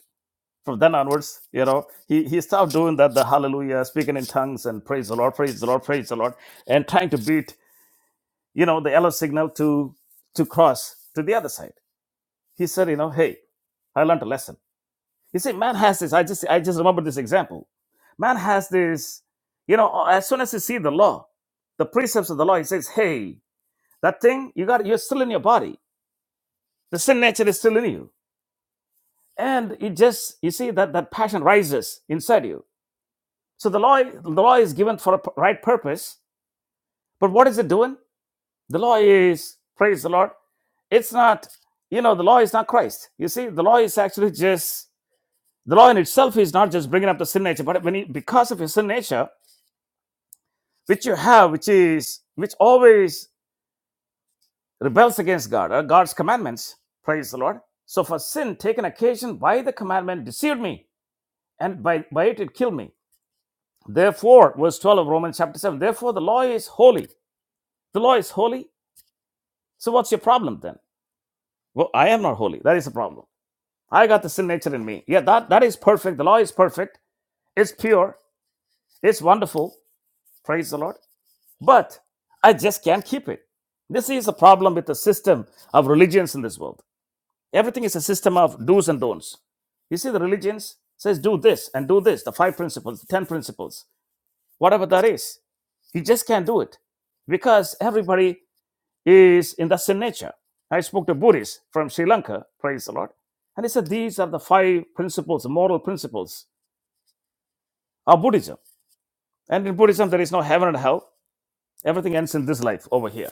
S2: from then onwards you know he he stopped doing that the hallelujah speaking in tongues and praise the lord praise the lord praise the lord and trying to beat you know the yellow signal to to cross to the other side he said you know hey i learned a lesson You see, man has this. I just I just remember this example. Man has this, you know, as soon as you see the law, the precepts of the law, he says, Hey, that thing, you got you're still in your body. The sin nature is still in you. And it just you see that that passion rises inside you. So the law the law is given for a p- right purpose, but what is it doing? The law is, praise the Lord, it's not, you know, the law is not Christ. You see, the law is actually just the law in itself is not just bringing up the sin nature, but when you, because of your sin nature, which you have, which is which always rebels against God, uh, God's commandments. Praise the Lord. So for sin taken occasion by the commandment deceived me, and by, by it it killed me. Therefore, verse 12 of Romans chapter 7, therefore the law is holy. The law is holy. So what's your problem then? Well, I am not holy. That is the problem. I got the sin nature in me. Yeah, that, that is perfect. The law is perfect. It's pure. It's wonderful. Praise the Lord. But I just can't keep it. This is a problem with the system of religions in this world. Everything is a system of do's and don'ts. You see, the religions says do this and do this, the five principles, the ten principles, whatever that is. You just can't do it because everybody is in the sin nature. I spoke to Buddhists from Sri Lanka, praise the Lord, and he said these are the five principles, moral principles of Buddhism. And in Buddhism, there is no heaven and hell. Everything ends in this life over here.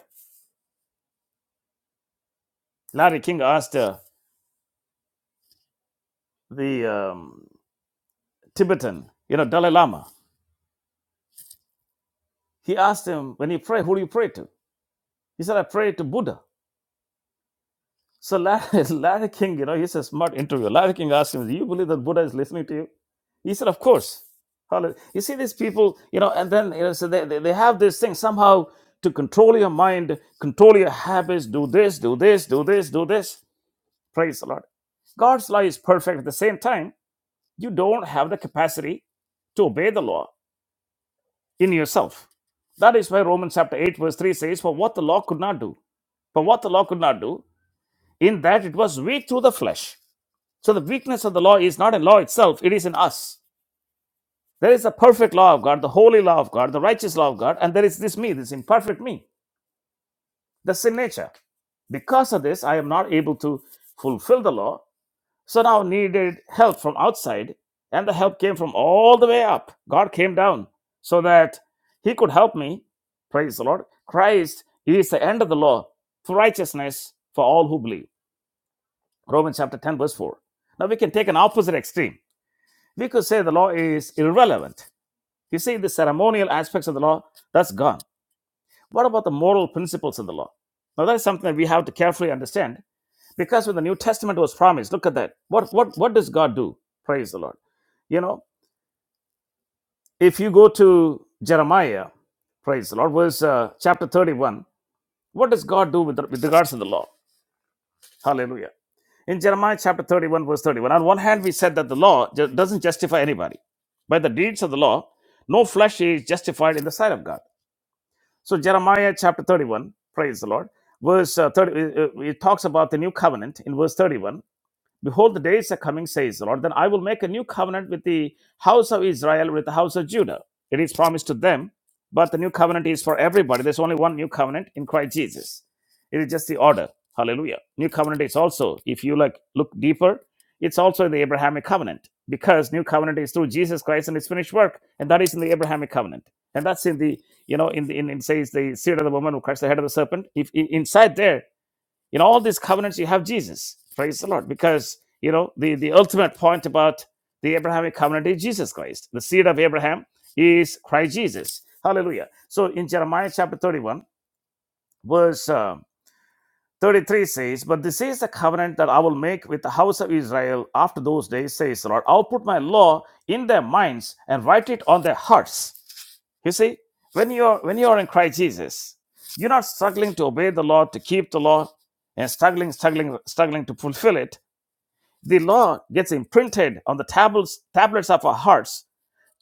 S2: Larry King asked uh, the um, Tibetan, you know, Dalai Lama, he asked him, when you pray, who do you pray to? He said, I pray to Buddha. So Larry, Larry King, you know, he's a smart interviewer. Larry King asked him, do you believe that Buddha is listening to you? He said, of course. Hallelujah. You see these people, you know, and then, you know, so they, they, they have this thing somehow to control your mind, control your habits, do this, do this, do this, do this. Praise the Lord. God's law is perfect. At the same time, you don't have the capacity to obey the law in yourself. That is why Romans chapter 8, verse 3 says, For what the law could not do, for what the law could not do, in that it was weak through the flesh. So the weakness of the law is not in law itself, it is in us. There is the perfect law of God, the holy law of God, the righteous law of God, and there is this me, this imperfect me, the sin nature. Because of this, I am not able to fulfill the law, So now needed help from outside, and the help came from all the way up. God came down so that he could help me. Praise the Lord. Christ is the end of the law for righteousness for all who believe. Romans chapter 10, verse 4. Now we can take an opposite extreme. We could say the law is irrelevant. You see, the ceremonial aspects of the law, that's gone. What about the moral principles of the law? Now, that is something that we have to carefully understand because when the New Testament was promised, look at that. What, what, what does God do? Praise the Lord. You know, if you go to Jeremiah, praise the Lord, verse uh, chapter 31, what does God do with, with regards to the law? Hallelujah. In Jeremiah chapter 31, verse 31, on one hand, we said that the law ju- doesn't justify anybody. By the deeds of the law, no flesh is justified in the sight of God. So Jeremiah chapter 31, praise the Lord, verse uh, 30, uh, uh, it talks about the new covenant in verse 31. Behold, the days are coming, says the Lord, then I will make a new covenant with the house of Israel, with the house of Judah. It is promised to them, but the new covenant is for everybody. There's only one new covenant in Christ Jesus. It is just the order. Hallelujah. New covenant is also, if you like look deeper, it's also the Abrahamic covenant because new covenant is through Jesus Christ and his finished work, and that is in the Abrahamic covenant. And that's in the, you know, in the in, in says the seed of the woman who cuts the head of the serpent. If in, inside there in all these covenants you have jesus praise the lord because you know the, the ultimate point about the abrahamic covenant is jesus christ the seed of abraham is christ jesus hallelujah so in jeremiah chapter 31 verse uh, 33 says but this is the covenant that i will make with the house of israel after those days says the lord i'll put my law in their minds and write it on their hearts you see, when you're when you're in Christ Jesus, you're not struggling to obey the law, to keep the law, and struggling, struggling, struggling to fulfill it. The law gets imprinted on the tablets, tablets of our hearts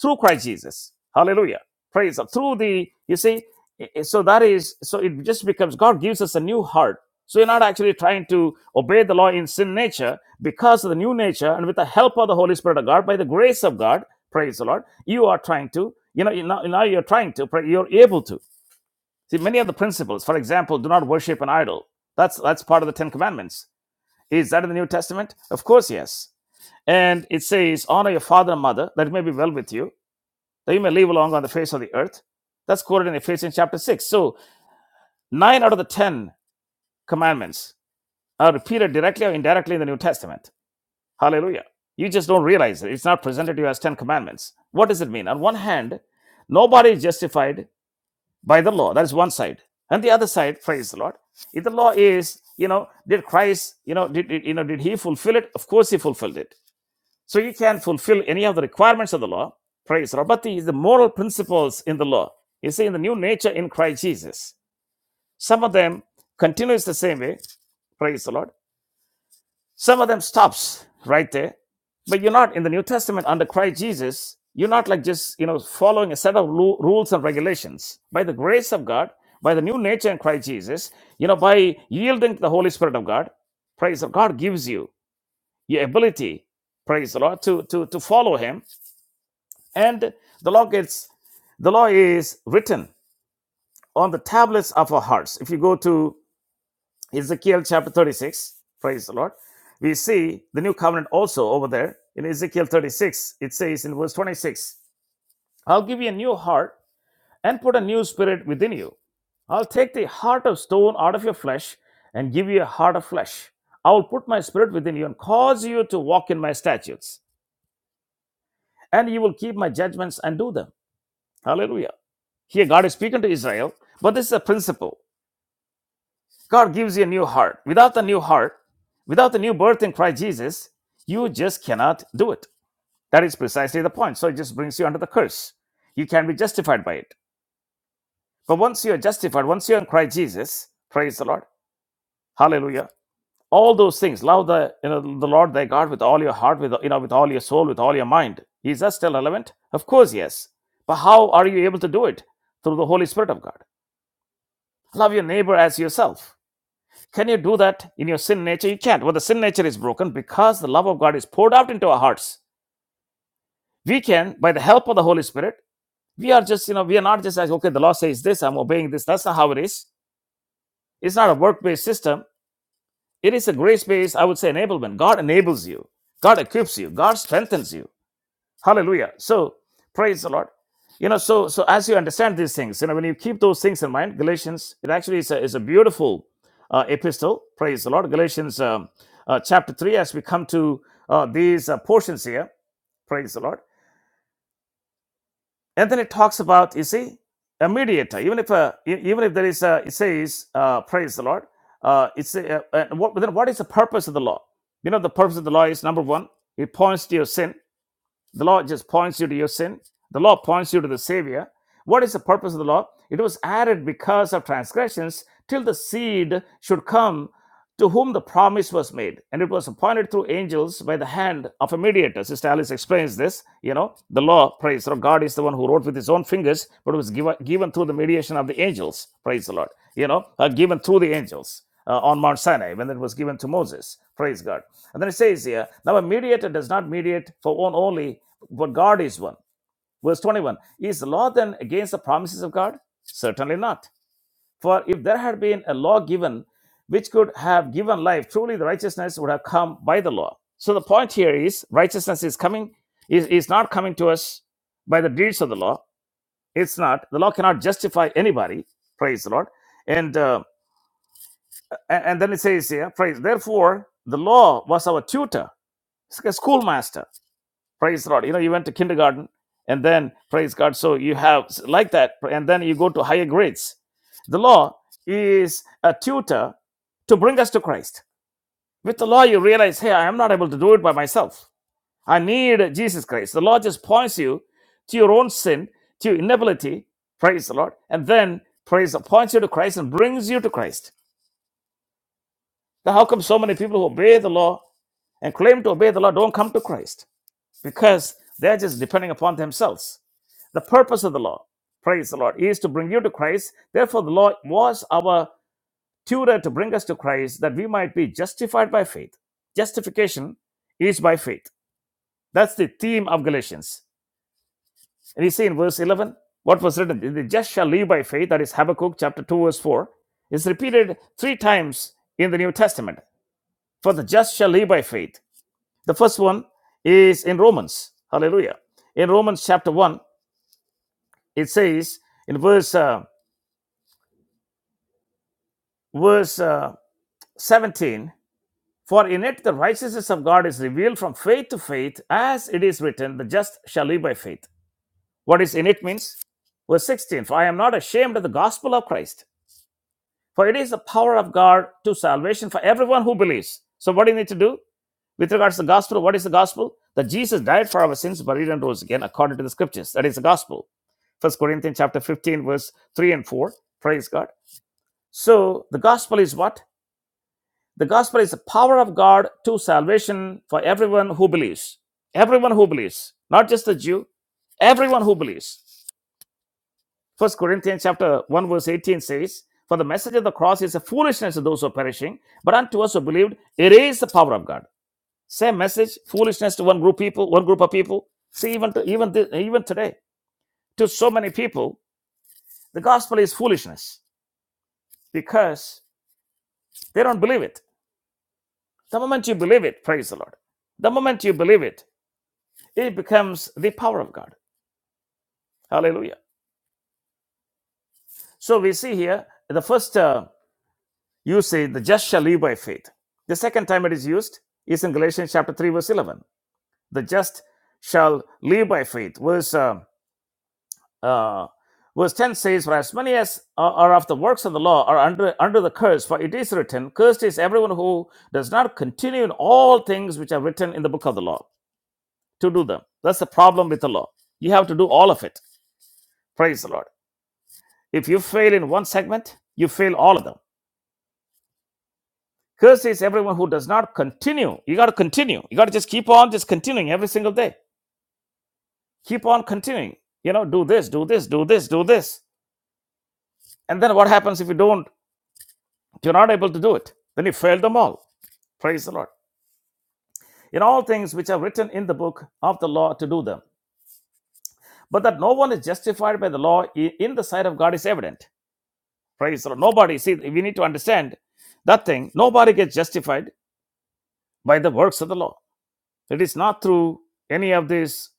S2: through Christ Jesus. Hallelujah. Praise God. Through the, you see, so that is, so it just becomes, God gives us a new heart. So you're not actually trying to obey the law in sin nature because of the new nature and with the help of the Holy Spirit of God, by the grace of God, praise the Lord, you are trying to, you know, now, you're trying to, you're able to. See, many of the principles, for example, do not worship an idol. That's, that's part of the Ten Commandments. Is that in the New Testament? Of course, yes. And it says, honor your father and mother, that it may be well with you that you may live long on the face of the earth. That's quoted in Ephesians chapter 6. So, nine out of the 10 commandments are repeated directly or indirectly in the New Testament. Hallelujah. You just don't realize it. It's not presented to you as 10 commandments. What does it mean? On one hand, nobody is justified by the law. That is one side. And the other side, praise the Lord. If the law is, you know, did Christ, you know, did, did you know, did he fulfill it? Of course he fulfilled it. So you can fulfill any of the requirements of the law. Praise Rabati is the moral principles in the law. You see, in the new nature in Christ Jesus. Some of them continues the same way. Praise the Lord. Some of them stops right there. But you're not in the New Testament under Christ Jesus. You're not like just you know following a set of lu- rules and regulations. By the grace of God, by the new nature in Christ Jesus, you know, by yielding to the Holy Spirit of God, praise the Lord, God gives you your ability, praise the Lord, to to to follow Him and the law gets the law is written on the tablets of our hearts if you go to ezekiel chapter 36 praise the lord we see the new covenant also over there in ezekiel 36 it says in verse 26 i'll give you a new heart and put a new spirit within you i'll take the heart of stone out of your flesh and give you a heart of flesh i will put my spirit within you and cause you to walk in my statutes and you will keep my judgments and do them Hallelujah. Here, God is speaking to Israel, but this is a principle. God gives you a new heart. Without the new heart, without the new birth in Christ Jesus, you just cannot do it. That is precisely the point. So it just brings you under the curse. You can be justified by it. But once you are justified, once you're in Christ Jesus, praise the Lord. Hallelujah. All those things, love the you know, the Lord thy God with all your heart, with you know, with all your soul, with all your mind. Is that still relevant? Of course, yes. But how are you able to do it? Through the Holy Spirit of God. Love your neighbor as yourself. Can you do that in your sin nature? You can't. Well, the sin nature is broken because the love of God is poured out into our hearts. We can, by the help of the Holy Spirit, we are just, you know, we are not just like, okay, the law says this, I'm obeying this. That's not how it is. It's not a work based system. It is a grace based, I would say, enablement. God enables you, God equips you, God strengthens you. Hallelujah. So praise the Lord. You know, so so as you understand these things, you know, when you keep those things in mind, Galatians, it actually is a, is a beautiful uh, epistle. Praise the Lord. Galatians um, uh, chapter three, as we come to uh, these uh, portions here, praise the Lord. And then it talks about, you see, a mediator. Even if a, e- even if there is a, it says, uh, praise the Lord. Uh, it's a, uh, uh, what, then what is the purpose of the law? You know, the purpose of the law is number one, it points to your sin the law just points you to your sin. The law points you to the Savior. What is the purpose of the law? It was added because of transgressions till the seed should come to whom the promise was made. And it was appointed through angels by the hand of a mediator. Sister Alice explains this. You know, the law, praise the Lord. God is the one who wrote with his own fingers, but it was given, given through the mediation of the angels, praise the Lord. You know, uh, given through the angels uh, on Mount Sinai when it was given to Moses. Praise God. And then it says here, now a mediator does not mediate for one only, but God is one. Verse 21 Is the law then against the promises of God? Certainly not. For if there had been a law given which could have given life, truly the righteousness would have come by the law. So the point here is righteousness is coming, is, is not coming to us by the deeds of the law. It's not. The law cannot justify anybody. Praise the Lord. And uh, and, and then it says here, praise. Therefore, the law was our tutor, it's like a schoolmaster. Praise the Lord. You know, you went to kindergarten and then, praise God, so you have like that, and then you go to higher grades. The law is a tutor to bring us to Christ. With the law, you realize, hey, I am not able to do it by myself. I need Jesus Christ. The law just points you to your own sin, to your inability, praise the Lord, and then praise points you to Christ and brings you to Christ. Now, how come so many people who obey the law and claim to obey the law don't come to Christ because they're just depending upon themselves. The purpose of the law, praise the Lord, is to bring you to Christ. Therefore, the law was our tutor to bring us to Christ that we might be justified by faith. Justification is by faith. That's the theme of Galatians. And you see in verse 11 what was written the just shall live by faith, that is Habakkuk chapter 2, verse 4, is repeated three times in the New Testament. For the just shall live by faith. The first one is in Romans. Hallelujah. In Romans chapter 1, it says in verse uh, verse uh, 17, for in it the righteousness of God is revealed from faith to faith, as it is written, the just shall live by faith. What is in it means verse 16, for I am not ashamed of the gospel of Christ, for it is the power of God to salvation for everyone who believes. So what do you need to do? With regards to the gospel, what is the gospel? That Jesus died for our sins, buried, and rose again according to the scriptures. That is the gospel. First Corinthians chapter 15, verse 3 and 4. Praise God. So the gospel is what? The gospel is the power of God to salvation for everyone who believes. Everyone who believes, not just the Jew, everyone who believes. First Corinthians chapter 1, verse 18 says, For the message of the cross is a foolishness to those who are perishing, but unto us who believed, it is the power of God. Same message, foolishness to one group people, one group of people. See, even to, even th- even today, to so many people, the gospel is foolishness because they don't believe it. The moment you believe it, praise the Lord. The moment you believe it, it becomes the power of God. Hallelujah. So we see here the first uh, you say, the just shall live by faith. The second time it is used is in Galatians chapter three, verse eleven. The just shall live by faith. Verse. um uh, verse 10 says, For as many as are of the works of the law are under, under the curse, for it is written, Cursed is everyone who does not continue in all things which are written in the book of the law to do them. That's the problem with the law. You have to do all of it. Praise the Lord. If you fail in one segment, you fail all of them. Cursed is everyone who does not continue. You got to continue. You got to just keep on just continuing every single day. Keep on continuing. You know, do this, do this, do this, do this. And then what happens if you don't? You're not able to do it. Then you failed them all. Praise the Lord. In all things which are written in the book of the law to do them. But that no one is justified by the law in the sight of God is evident. Praise the Lord. Nobody, see, we need to understand that thing. Nobody gets justified by the works of the law. It is not through any of these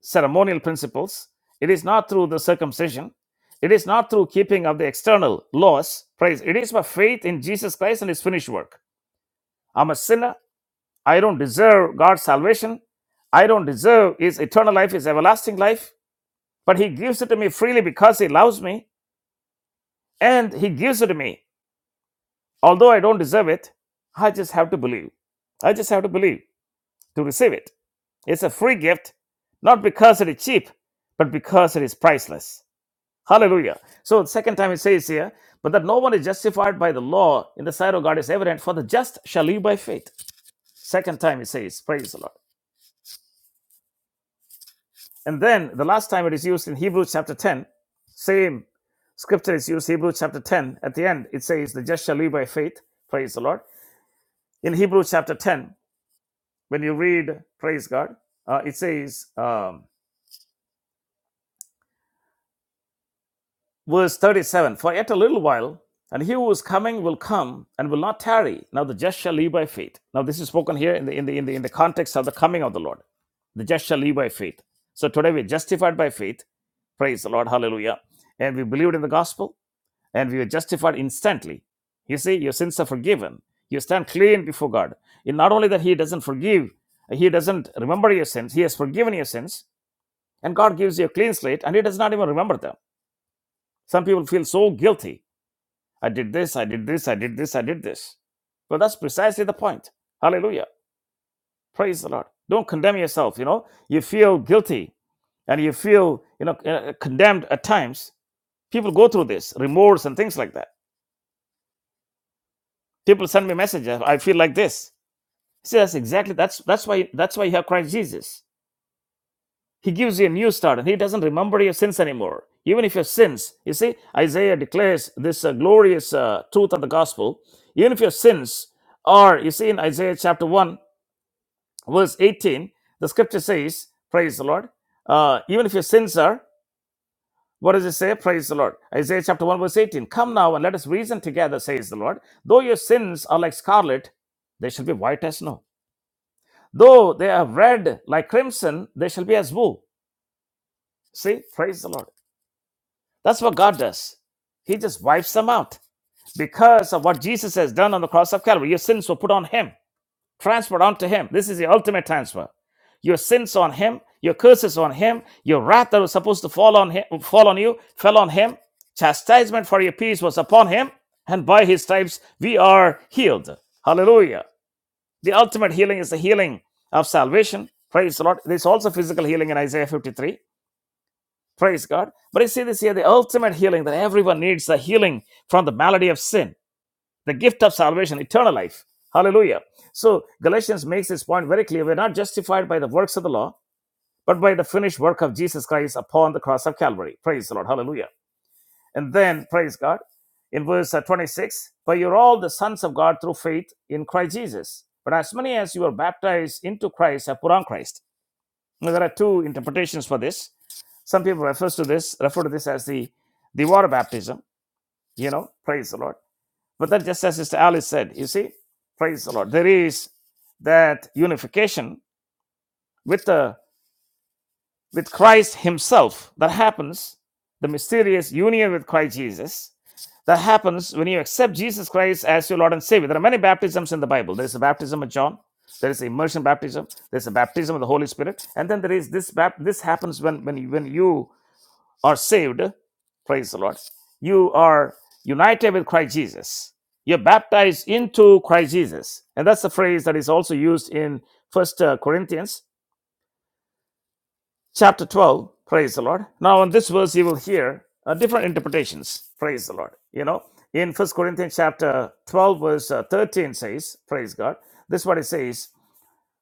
S2: ceremonial principles, it is not through the circumcision, it is not through keeping of the external laws. Praise. It is by faith in Jesus Christ and his finished work. I'm a sinner. I don't deserve God's salvation. I don't deserve His eternal life, His everlasting life. But He gives it to me freely because He loves me and He gives it to me. Although I don't deserve it, I just have to believe. I just have to believe to receive it. It's a free gift, not because it is cheap, but because it is priceless. Hallelujah. So, the second time it says here, but that no one is justified by the law in the sight of God is evident, for the just shall live by faith. Second time it says, Praise the Lord. And then the last time it is used in Hebrews chapter 10, same scripture is used, Hebrews chapter 10. At the end, it says, The just shall live by faith. Praise the Lord. In Hebrews chapter 10, when you read, praise God, uh, it says, um, verse 37 For yet a little while, and he who is coming will come and will not tarry. Now the just shall live by faith. Now this is spoken here in the, in the, in the, in the context of the coming of the Lord. The just shall live by faith. So today we're justified by faith. Praise the Lord. Hallelujah. And we believed in the gospel and we were justified instantly. You see, your sins are forgiven. You stand clean before God. And not only that, He doesn't forgive, He doesn't remember your sins. He has forgiven your sins, and God gives you a clean slate, and He does not even remember them. Some people feel so guilty. I did this, I did this, I did this, I did this. Well, that's precisely the point. Hallelujah. Praise the Lord. Don't condemn yourself. You know, you feel guilty and you feel, you know, uh, condemned at times. People go through this, remorse and things like that People send me messages. I feel like this. See, that's exactly that's that's why that's why you have Christ Jesus. He gives you a new start, and He doesn't remember your sins anymore. Even if your sins, you see, Isaiah declares this uh, glorious uh, truth of the gospel. Even if your sins are, you see, in Isaiah chapter one, verse eighteen, the scripture says, "Praise the Lord." Uh, even if your sins are, what does it say? Praise the Lord. Isaiah chapter one, verse eighteen. Come now and let us reason together, says the Lord. Though your sins are like scarlet, they shall be white as snow Though they are red like crimson, they shall be as wool. See, praise the Lord. That's what God does. He just wipes them out because of what Jesus has done on the cross of Calvary. Your sins were put on Him, transferred onto Him. This is the ultimate transfer. Your sins on Him, your curses on Him, your wrath that was supposed to fall on Him, fall on you, fell on Him. Chastisement for your peace was upon Him, and by His stripes we are healed. Hallelujah. The ultimate healing is the healing of salvation. Praise the Lord. There's also physical healing in Isaiah 53. Praise God. But you see this here the ultimate healing that everyone needs the healing from the malady of sin, the gift of salvation, eternal life. Hallelujah. So Galatians makes this point very clear. We're not justified by the works of the law, but by the finished work of Jesus Christ upon the cross of Calvary. Praise the Lord. Hallelujah. And then, praise God, in verse uh, 26, for you're all the sons of God through faith in Christ Jesus. But as many as you are baptized into Christ have put on Christ. Now, there are two interpretations for this. Some people refers to this, refer to this as the, the water baptism, you know, praise the Lord. But that just as Sister Alice said, you see, praise the Lord. There is that unification with the with Christ Himself that happens, the mysterious union with Christ Jesus that happens when you accept Jesus Christ as your Lord and Savior. There are many baptisms in the Bible. There is the baptism of John. There is the immersion baptism. There is the baptism of the Holy Spirit, and then there is this. Bap- this happens when when you, when you are saved. Praise the Lord. You are united with Christ Jesus. You're baptized into Christ Jesus, and that's the phrase that is also used in First uh, Corinthians chapter 12 praise the lord now on this verse you will hear uh, different interpretations praise the lord you know in first corinthians chapter 12 verse uh, 13 says praise god this is what it says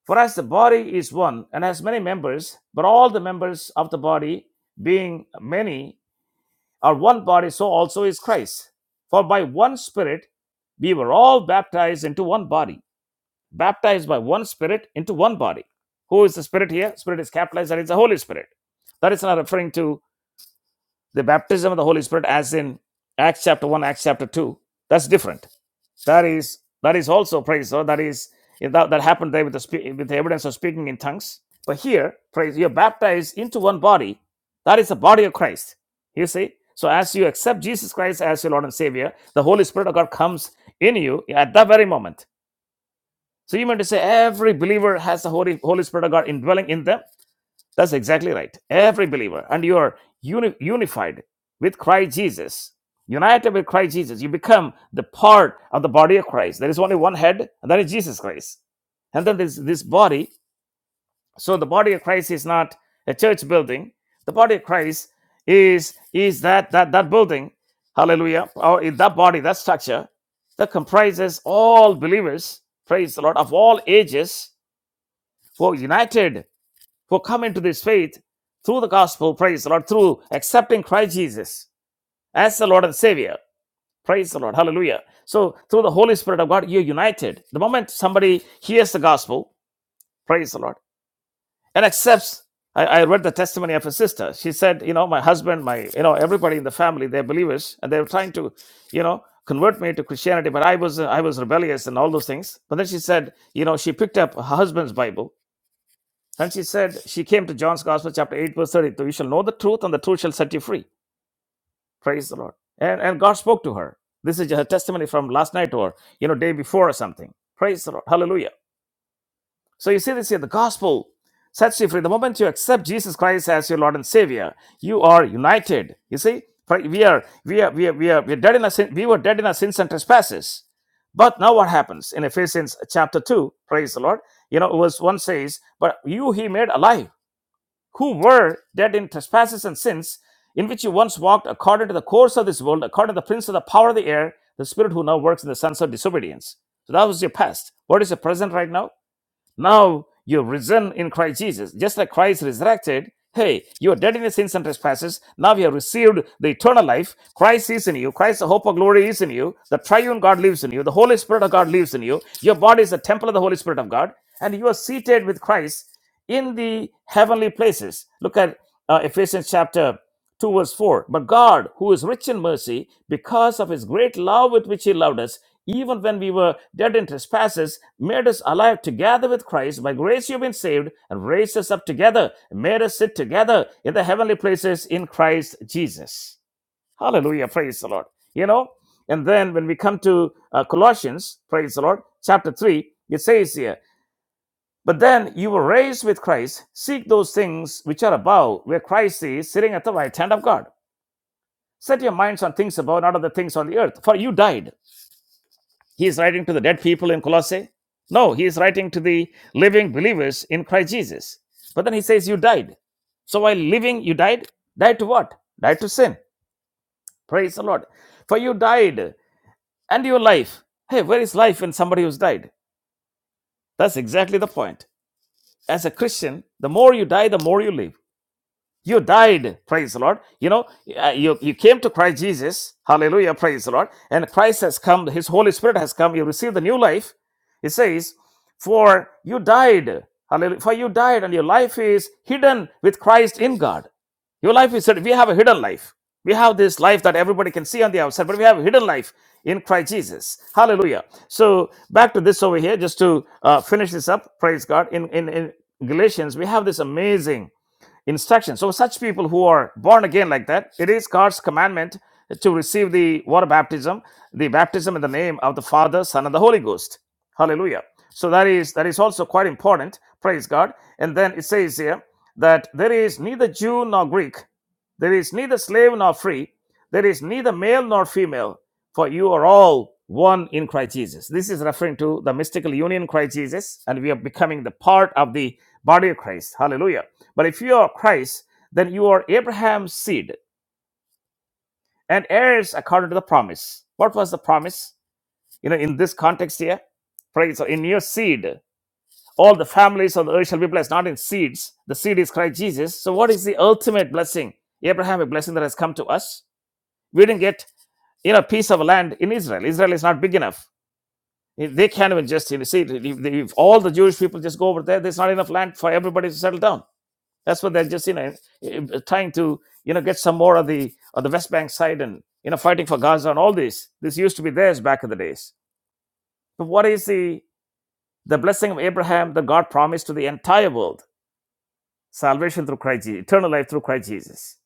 S2: for as the body is one and has many members but all the members of the body being many are one body so also is christ for by one spirit we were all baptized into one body baptized by one spirit into one body. Who is the spirit here? Spirit is capitalized, that is the Holy Spirit. That is not referring to the baptism of the Holy Spirit as in Acts chapter 1, Acts chapter 2. That's different. That is that is also praise. So that is that, that happened there with the with the evidence of speaking in tongues. But here, praise, you're baptized into one body. That is the body of Christ. You see? So as you accept Jesus Christ as your Lord and Savior, the Holy Spirit of God comes in you at that very moment so you meant to say every believer has the Holy, Holy Spirit of God indwelling in them? That's exactly right. Every believer. And you are uni- unified with Christ Jesus. United with Christ Jesus. You become the part of the body of Christ. There is only one head, and that is Jesus Christ. And then this, this body so the body of Christ is not a church building. The body of Christ is is that that that building, hallelujah, or in that body, that structure that comprises all believers, praise the Lord, of all ages who are united, who come into this faith through the gospel, praise the Lord, through accepting Christ Jesus as the Lord and Savior. Praise the Lord. Hallelujah. So through the Holy Spirit of God, you're united. The moment somebody hears the gospel, praise the Lord and accepts. I, I read the testimony of a sister. She said, you know, my husband, my, you know, everybody in the family, they're believers, and they were trying to, you know, convert me to Christianity, but I was, I was rebellious and all those things. But then she said, you know, she picked up her husband's Bible, and she said, she came to John's Gospel, chapter eight, verse thirty-two. You shall know the truth, and the truth shall set you free. Praise the Lord. And and God spoke to her. This is her testimony from last night or you know day before or something. Praise the Lord. Hallelujah. So you see this here. The gospel sets you free. The moment you accept Jesus Christ as your Lord and Savior, you are united. You see, we are we are we are we are, we are dead in our sin. We were dead in our sins and trespasses. But now what happens in Ephesians chapter two? Praise the Lord. You know, verse one says, "But you He made alive, who were dead in trespasses and sins, in which you once walked according to the course of this world, according to the prince of the power of the air, the spirit who now works in the sons of disobedience." So that was your past. What is your present right now? Now you have risen in Christ Jesus. Just like Christ resurrected, hey, you are dead in the sins and trespasses. Now you have received the eternal life. Christ is in you. Christ, the hope of glory, is in you. The triune God lives in you. The Holy Spirit of God lives in you. Your body is the temple of the Holy Spirit of God. And you are seated with Christ in the heavenly places. Look at uh, Ephesians chapter 2, verse 4. But God, who is rich in mercy, because of his great love with which he loved us, even when we were dead in trespasses, made us alive together with Christ. By grace you've been saved, and raised us up together, and made us sit together in the heavenly places in Christ Jesus. Hallelujah. Praise the Lord. You know, and then when we come to uh, Colossians, praise the Lord, chapter 3, it says here, but then you were raised with Christ. Seek those things which are above, where Christ is sitting at the right hand of God. Set your minds on things above, not on the things on the earth. For you died. He is writing to the dead people in Colossae. No, he is writing to the living believers in Christ Jesus. But then he says, You died. So while living, you died. Died to what? Died to sin. Praise the Lord. For you died and your life. Hey, where is life in somebody who's died? That's exactly the point. As a Christian, the more you die, the more you live. You died, praise the Lord. You know, uh, you, you came to Christ Jesus, hallelujah, praise the Lord. And Christ has come, His Holy Spirit has come, you received the new life. It says, For you died, hallelujah, for you died, and your life is hidden with Christ in God. Your life is, we have a hidden life. We have this life that everybody can see on the outside, but we have a hidden life in Christ Jesus. Hallelujah. So, back to this over here, just to uh, finish this up, praise God. In, in, in Galatians, we have this amazing instruction. So such people who are born again like that, it is God's commandment to receive the water baptism, the baptism in the name of the Father, Son, and the Holy Ghost. Hallelujah. So that is that is also quite important. Praise God. And then it says here that there is neither Jew nor Greek. There is neither slave nor free. There is neither male nor female, for you are all one in Christ Jesus. This is referring to the mystical union in Christ Jesus, and we are becoming the part of the body of Christ. Hallelujah. But if you are Christ, then you are Abraham's seed and heirs according to the promise. What was the promise? You know, in this context here, praise so in your seed, all the families of the earth shall be blessed, not in seeds. The seed is Christ Jesus. So, what is the ultimate blessing? Abraham, a blessing that has come to us we didn't get you know a piece of land in Israel. Israel is not big enough. They can't even just you know, see if, they, if all the Jewish people just go over there. There's not enough land for everybody to settle down. That's what they're just you know trying to you know get some more of the of the West Bank side and you know fighting for Gaza and all this. This used to be theirs back in the days. But what is the the blessing of Abraham that God promised to the entire world? Salvation through Christ Jesus, eternal life through Christ Jesus.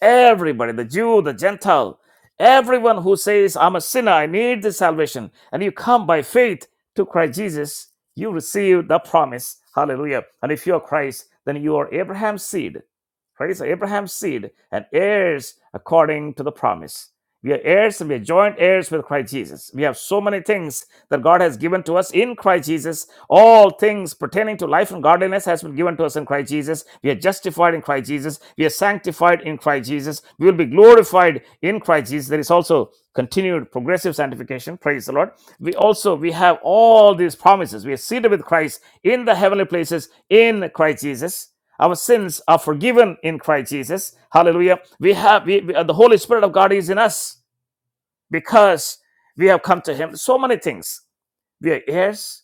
S2: Everybody, the Jew, the Gentile, everyone who says, I'm a sinner, I need this salvation, and you come by faith to Christ Jesus, you receive the promise. Hallelujah. And if you are Christ, then you are Abraham's seed. Praise Abraham's seed and heirs according to the promise. We are heirs and we are joint heirs with Christ Jesus. We have so many things that God has given to us in Christ Jesus. All things pertaining to life and godliness has been given to us in Christ Jesus. We are justified in Christ Jesus. We are sanctified in Christ Jesus. We will be glorified in Christ Jesus. There is also continued progressive sanctification. Praise the Lord. We also we have all these promises. We are seated with Christ in the heavenly places in Christ Jesus our sins are forgiven in Christ Jesus. Hallelujah. We have we, we- the Holy Spirit of God is in us because we have come to Him. So many things. We are heirs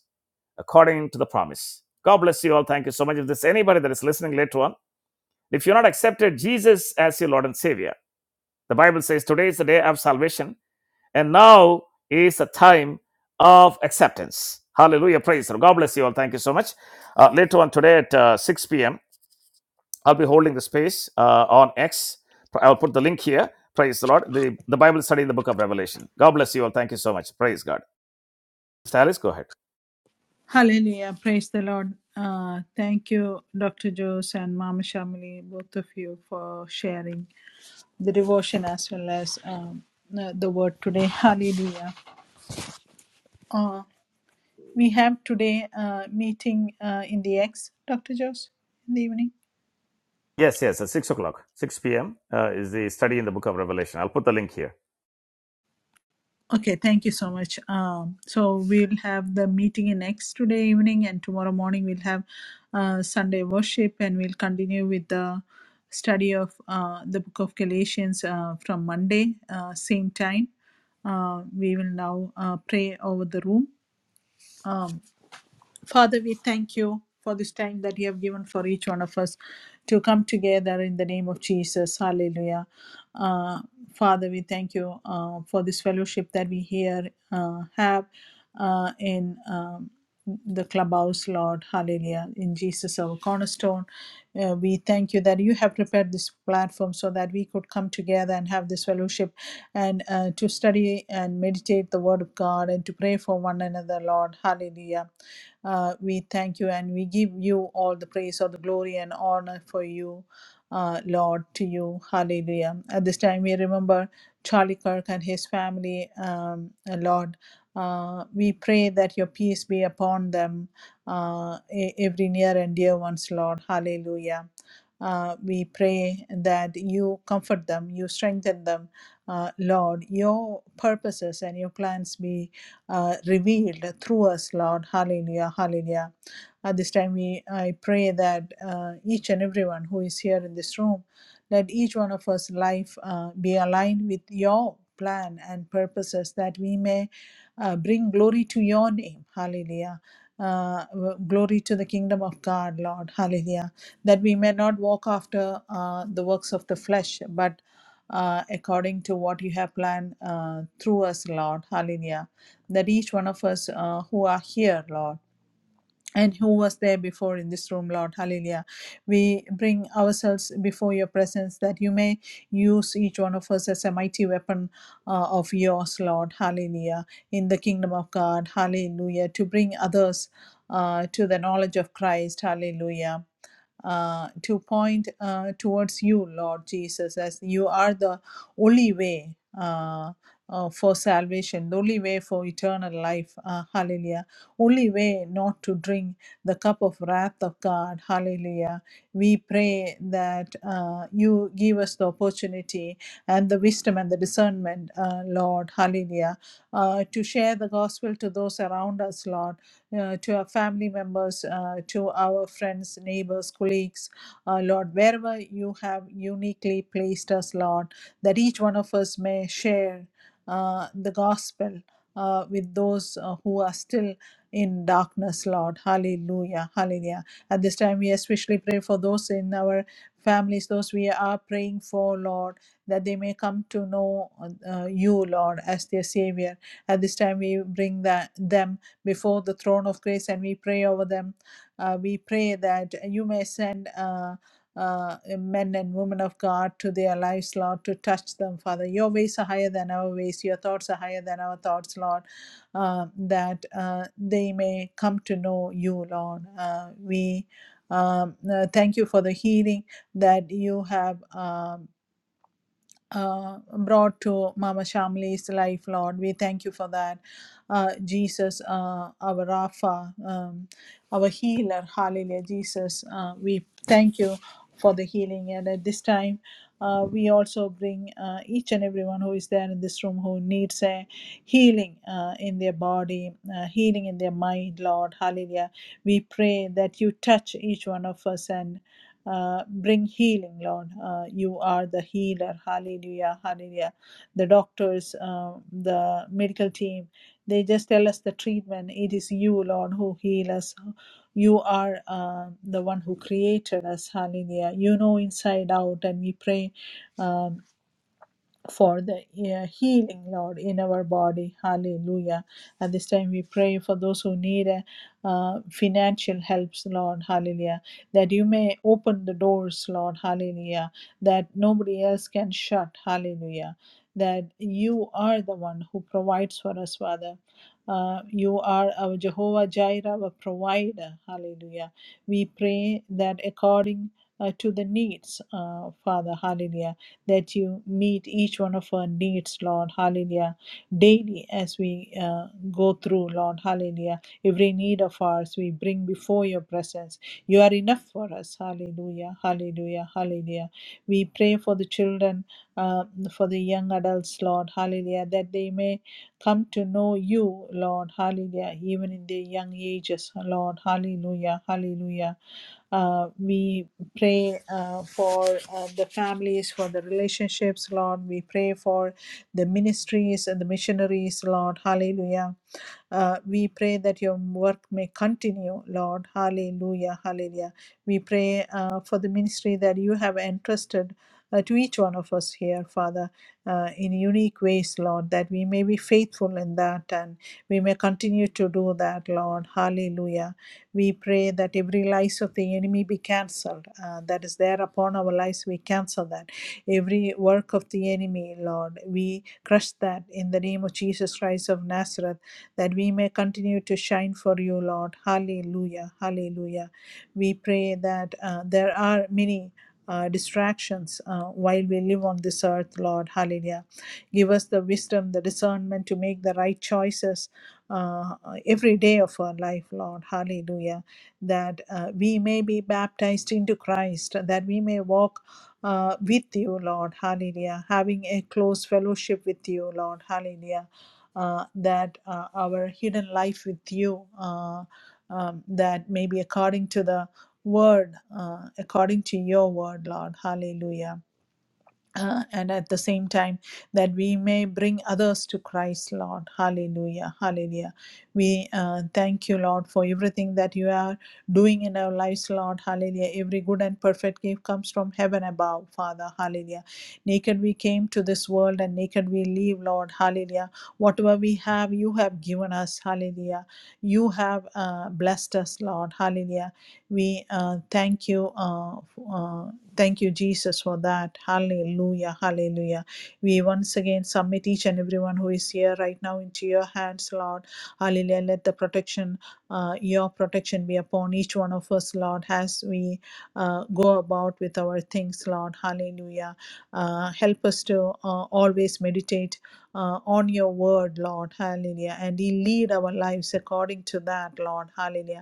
S2: according to the promise. God bless you all. Thank you so much. If there's anybody that is listening later on, if you're not accepted Jesus as your Lord and Savior, the Bible says today is the day of salvation, and now is the time of acceptance. Hallelujah. Praise the Lord. God bless you all. Thank you so much. Uh, later on today at uh, 6 p.m. I'll be holding the space uh, on X. I'll put the link here. Praise the Lord. The, the Bible study in the book of Revelation. God bless you all. Thank you so much. Praise God. Mr. Alice, go ahead.
S1: Hallelujah. Praise the Lord. Uh, thank you, Dr. Jose and Mama Shamili, both of you, for sharing the devotion as well as um, uh, the word today. Hallelujah. Uh, we have today a meeting uh, in the X, Dr. Jose, in the evening.
S2: Yes, yes, at 6 o'clock. 6 p.m. Uh, is the study in the book of Revelation. I'll put the link here.
S1: Okay, thank you so much. Um, so we'll have the meeting in next today evening, and tomorrow morning we'll have uh, Sunday worship, and we'll continue with the study of uh, the book of Galatians uh, from Monday, uh, same time. Uh, we will now uh, pray over the room. Um, Father, we thank you for this time that you have given for each one of us to come together in the name of Jesus. Hallelujah. Uh, Father, we thank you uh, for this fellowship that we here uh, have uh, in um, the clubhouse, Lord. Hallelujah. In Jesus, our cornerstone. Uh, we thank you that you have prepared this platform so that we could come together and have this fellowship and uh, to study and meditate the word of God and to pray for one another, Lord. Hallelujah. Uh, we thank you and we give you all the praise, all the glory and honor for you, uh, Lord, to you. Hallelujah. At this time, we remember Charlie Kirk and his family, um, uh, Lord. Uh, we pray that your peace be upon them, uh, e- every near and dear ones, Lord. Hallelujah. Uh, we pray that you comfort them, you strengthen them, uh, Lord. Your purposes and your plans be uh, revealed through us, Lord. Hallelujah, hallelujah. At this time, we, I pray that uh, each and everyone who is here in this room, let each one of us life uh, be aligned with your plan and purposes that we may uh, bring glory to your name. Hallelujah. Uh, w- glory to the kingdom of God, Lord. Hallelujah. That we may not walk after uh, the works of the flesh, but uh, according to what you have planned uh, through us, Lord. Hallelujah that each one of us uh, who are here, Lord, and who was there before in this room, Lord, hallelujah. We bring ourselves before your presence that you may use each one of us as a mighty weapon uh, of yours, Lord, hallelujah, in the kingdom of God, hallelujah, to bring others uh, to the knowledge of Christ, hallelujah uh, to point uh, towards you, Lord Jesus, as you are the only way uh, uh, for salvation, the only way for eternal life. Uh, hallelujah. Only way not to drink the cup of wrath of God. Hallelujah. We pray that uh, you give us the opportunity and the wisdom and the discernment, uh, Lord. Hallelujah. Uh, to share the gospel to those around us, Lord uh, to our family members, uh, to our friends, neighbors, colleagues, uh, Lord, wherever you have uniquely placed us, Lord, that each one of us may share uh, the gospel uh, with those uh, who are still in darkness, Lord. Hallelujah. Hallelujah. At this time, we especially pray for those in our families, those we are praying for, Lord, that they may come to know uh, you, Lord, as their Savior. At this time, we bring that, them before the throne of grace and we pray over them. Uh, we pray that you may send. Uh, uh, men and women of God to their lives, Lord, to touch them, Father. Your ways are higher than our ways, your thoughts are higher than our thoughts, Lord, uh, that uh, they may come to know you, Lord. Uh, we um, uh, thank you for the healing that you have. um uh, brought to Mama Shamli's life, Lord. We thank you for that. Uh, Jesus, uh, our Rapha, um, our healer, hallelujah. Jesus, uh, we thank you for the healing. And at this time, uh, we also bring uh, each and everyone who is there in this room who needs a healing uh, in their body, uh, healing in their mind, Lord. Hallelujah. We pray that you touch each one of us and. Uh, bring healing, Lord. Uh, you are the healer. Hallelujah. Hallelujah. The doctors, uh, the medical team, they just tell us the treatment. It is you, Lord, who heal us. You are uh, the one who created us. Hallelujah. You know inside out, and we pray. uh, for the uh, healing, Lord, in our body. Hallelujah. At this time, we pray for those who need uh, uh, financial helps, Lord. Hallelujah. That you may open the doors, Lord. Hallelujah. That nobody else can shut. Hallelujah. That you are the one who provides for us, Father. Uh, you are our Jehovah Jireh, our provider. Hallelujah. We pray that according uh, to the needs, uh, Father, hallelujah that you meet each one of our needs, Lord. Hallelujah. Daily as we uh, go through, Lord. Hallelujah. Every need of ours we bring before your presence. You are enough for us. Hallelujah. Hallelujah. Hallelujah. We pray for the children, uh, for the young adults, Lord. Hallelujah. That they may come to know you, Lord. Hallelujah. Even in their young ages, Lord. Hallelujah. Hallelujah. Uh, we pray uh, for uh, the families, for the relationships, Lord. We pray for the ministries and the missionaries, Lord. Hallelujah. Uh, we pray that your work may continue, Lord. Hallelujah, hallelujah. We pray uh, for the ministry that you have entrusted uh, to each one of us here, Father, uh, in unique ways, Lord, that we may be faithful in that and we may continue to do that, Lord. Hallelujah. We pray that every lies of the enemy be cancelled. Uh, that is there upon our lives, we cancel that. Every work of the enemy, Lord, we crush that in the name of Jesus Christ of Nazareth that we may continue to shine for you, Lord. Hallelujah. Hallelujah. We pray that uh, there are many. Uh, distractions uh, while we live on this earth, Lord. Hallelujah. Give us the wisdom, the discernment to make the right choices uh, every day of our life, Lord. Hallelujah. That uh, we may be baptized into Christ, that we may walk uh, with you, Lord. Hallelujah. Having a close fellowship with you, Lord. Hallelujah uh, that uh, our hidden life with you, uh, um, that may be according to the word, uh, according to your word, Lord. Hallelujah uh, and at the same time that we may bring others to Christ, Lord. Hallelujah. Hallelujah. We uh, thank you, Lord, for everything that you are doing in our lives, Lord. Hallelujah. Every good and perfect gift comes from heaven above, Father. Hallelujah. Naked we came to this world and naked we leave, Lord. Hallelujah. Whatever we have, you have given us. Hallelujah. You have uh, blessed us, Lord. Hallelujah. We uh, thank you, uh, f- uh, thank you, Jesus, for that. Hallelujah, hallelujah. We once again submit each and everyone who is here right now into your hands, Lord. Hallelujah. Let the protection, uh, your protection be upon each one of us, Lord, as we uh, go about with our things, Lord. Hallelujah. Uh, help us to uh, always meditate uh, on your word, Lord. Hallelujah. And lead our lives according to that, Lord. Hallelujah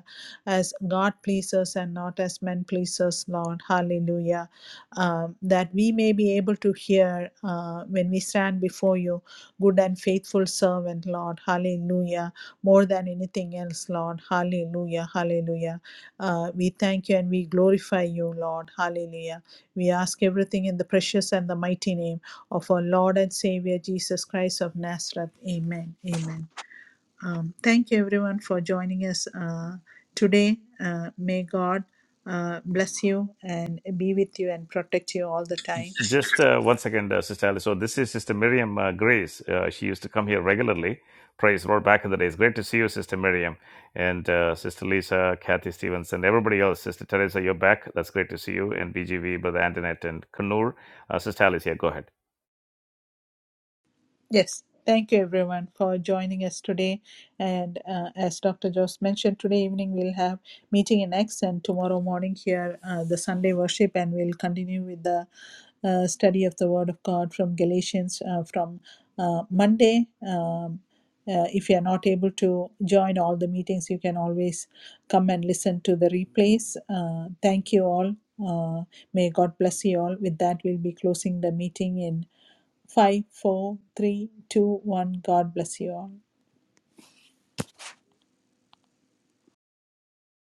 S1: as God pleasers and not as men pleasers, Lord. Hallelujah. Um, that we may be able to hear uh, when we stand before you, good and faithful servant, Lord. Hallelujah. More than anything else, Lord. Hallelujah. Hallelujah. Uh, we thank you and we glorify you, Lord. Hallelujah. We ask everything in the precious and the mighty name of our Lord and Savior Jesus Christ of Nazareth. Amen. Amen. Um, thank you, everyone, for joining us uh, today. Uh, may God uh, bless you and be with you and protect you all the time.
S2: Just uh, one second, uh, Sister Alice. So, this is Sister Miriam uh, Grace. Uh, she used to come here regularly. Praise the Lord back in the days. Great to see you, Sister Miriam, and uh, Sister Lisa, Kathy Stevens, and everybody else. Sister Teresa, you're back. That's great to see you. And BGV, Brother Antoinette, and Kanur. Uh, Sister Alice, yeah, go ahead.
S1: Yes, thank you everyone for joining us today. And uh, as Dr. Jost mentioned, today evening we'll have meeting in X, and tomorrow morning here uh, the Sunday worship, and we'll continue with the uh, study of the Word of God from Galatians uh, from uh, Monday. Um, uh, if you are not able to join all the meetings, you can always come and listen to the replays. Uh, thank you all. Uh, may God bless you all. With that, we'll be closing the meeting in five, four, three, two, one. God bless you all.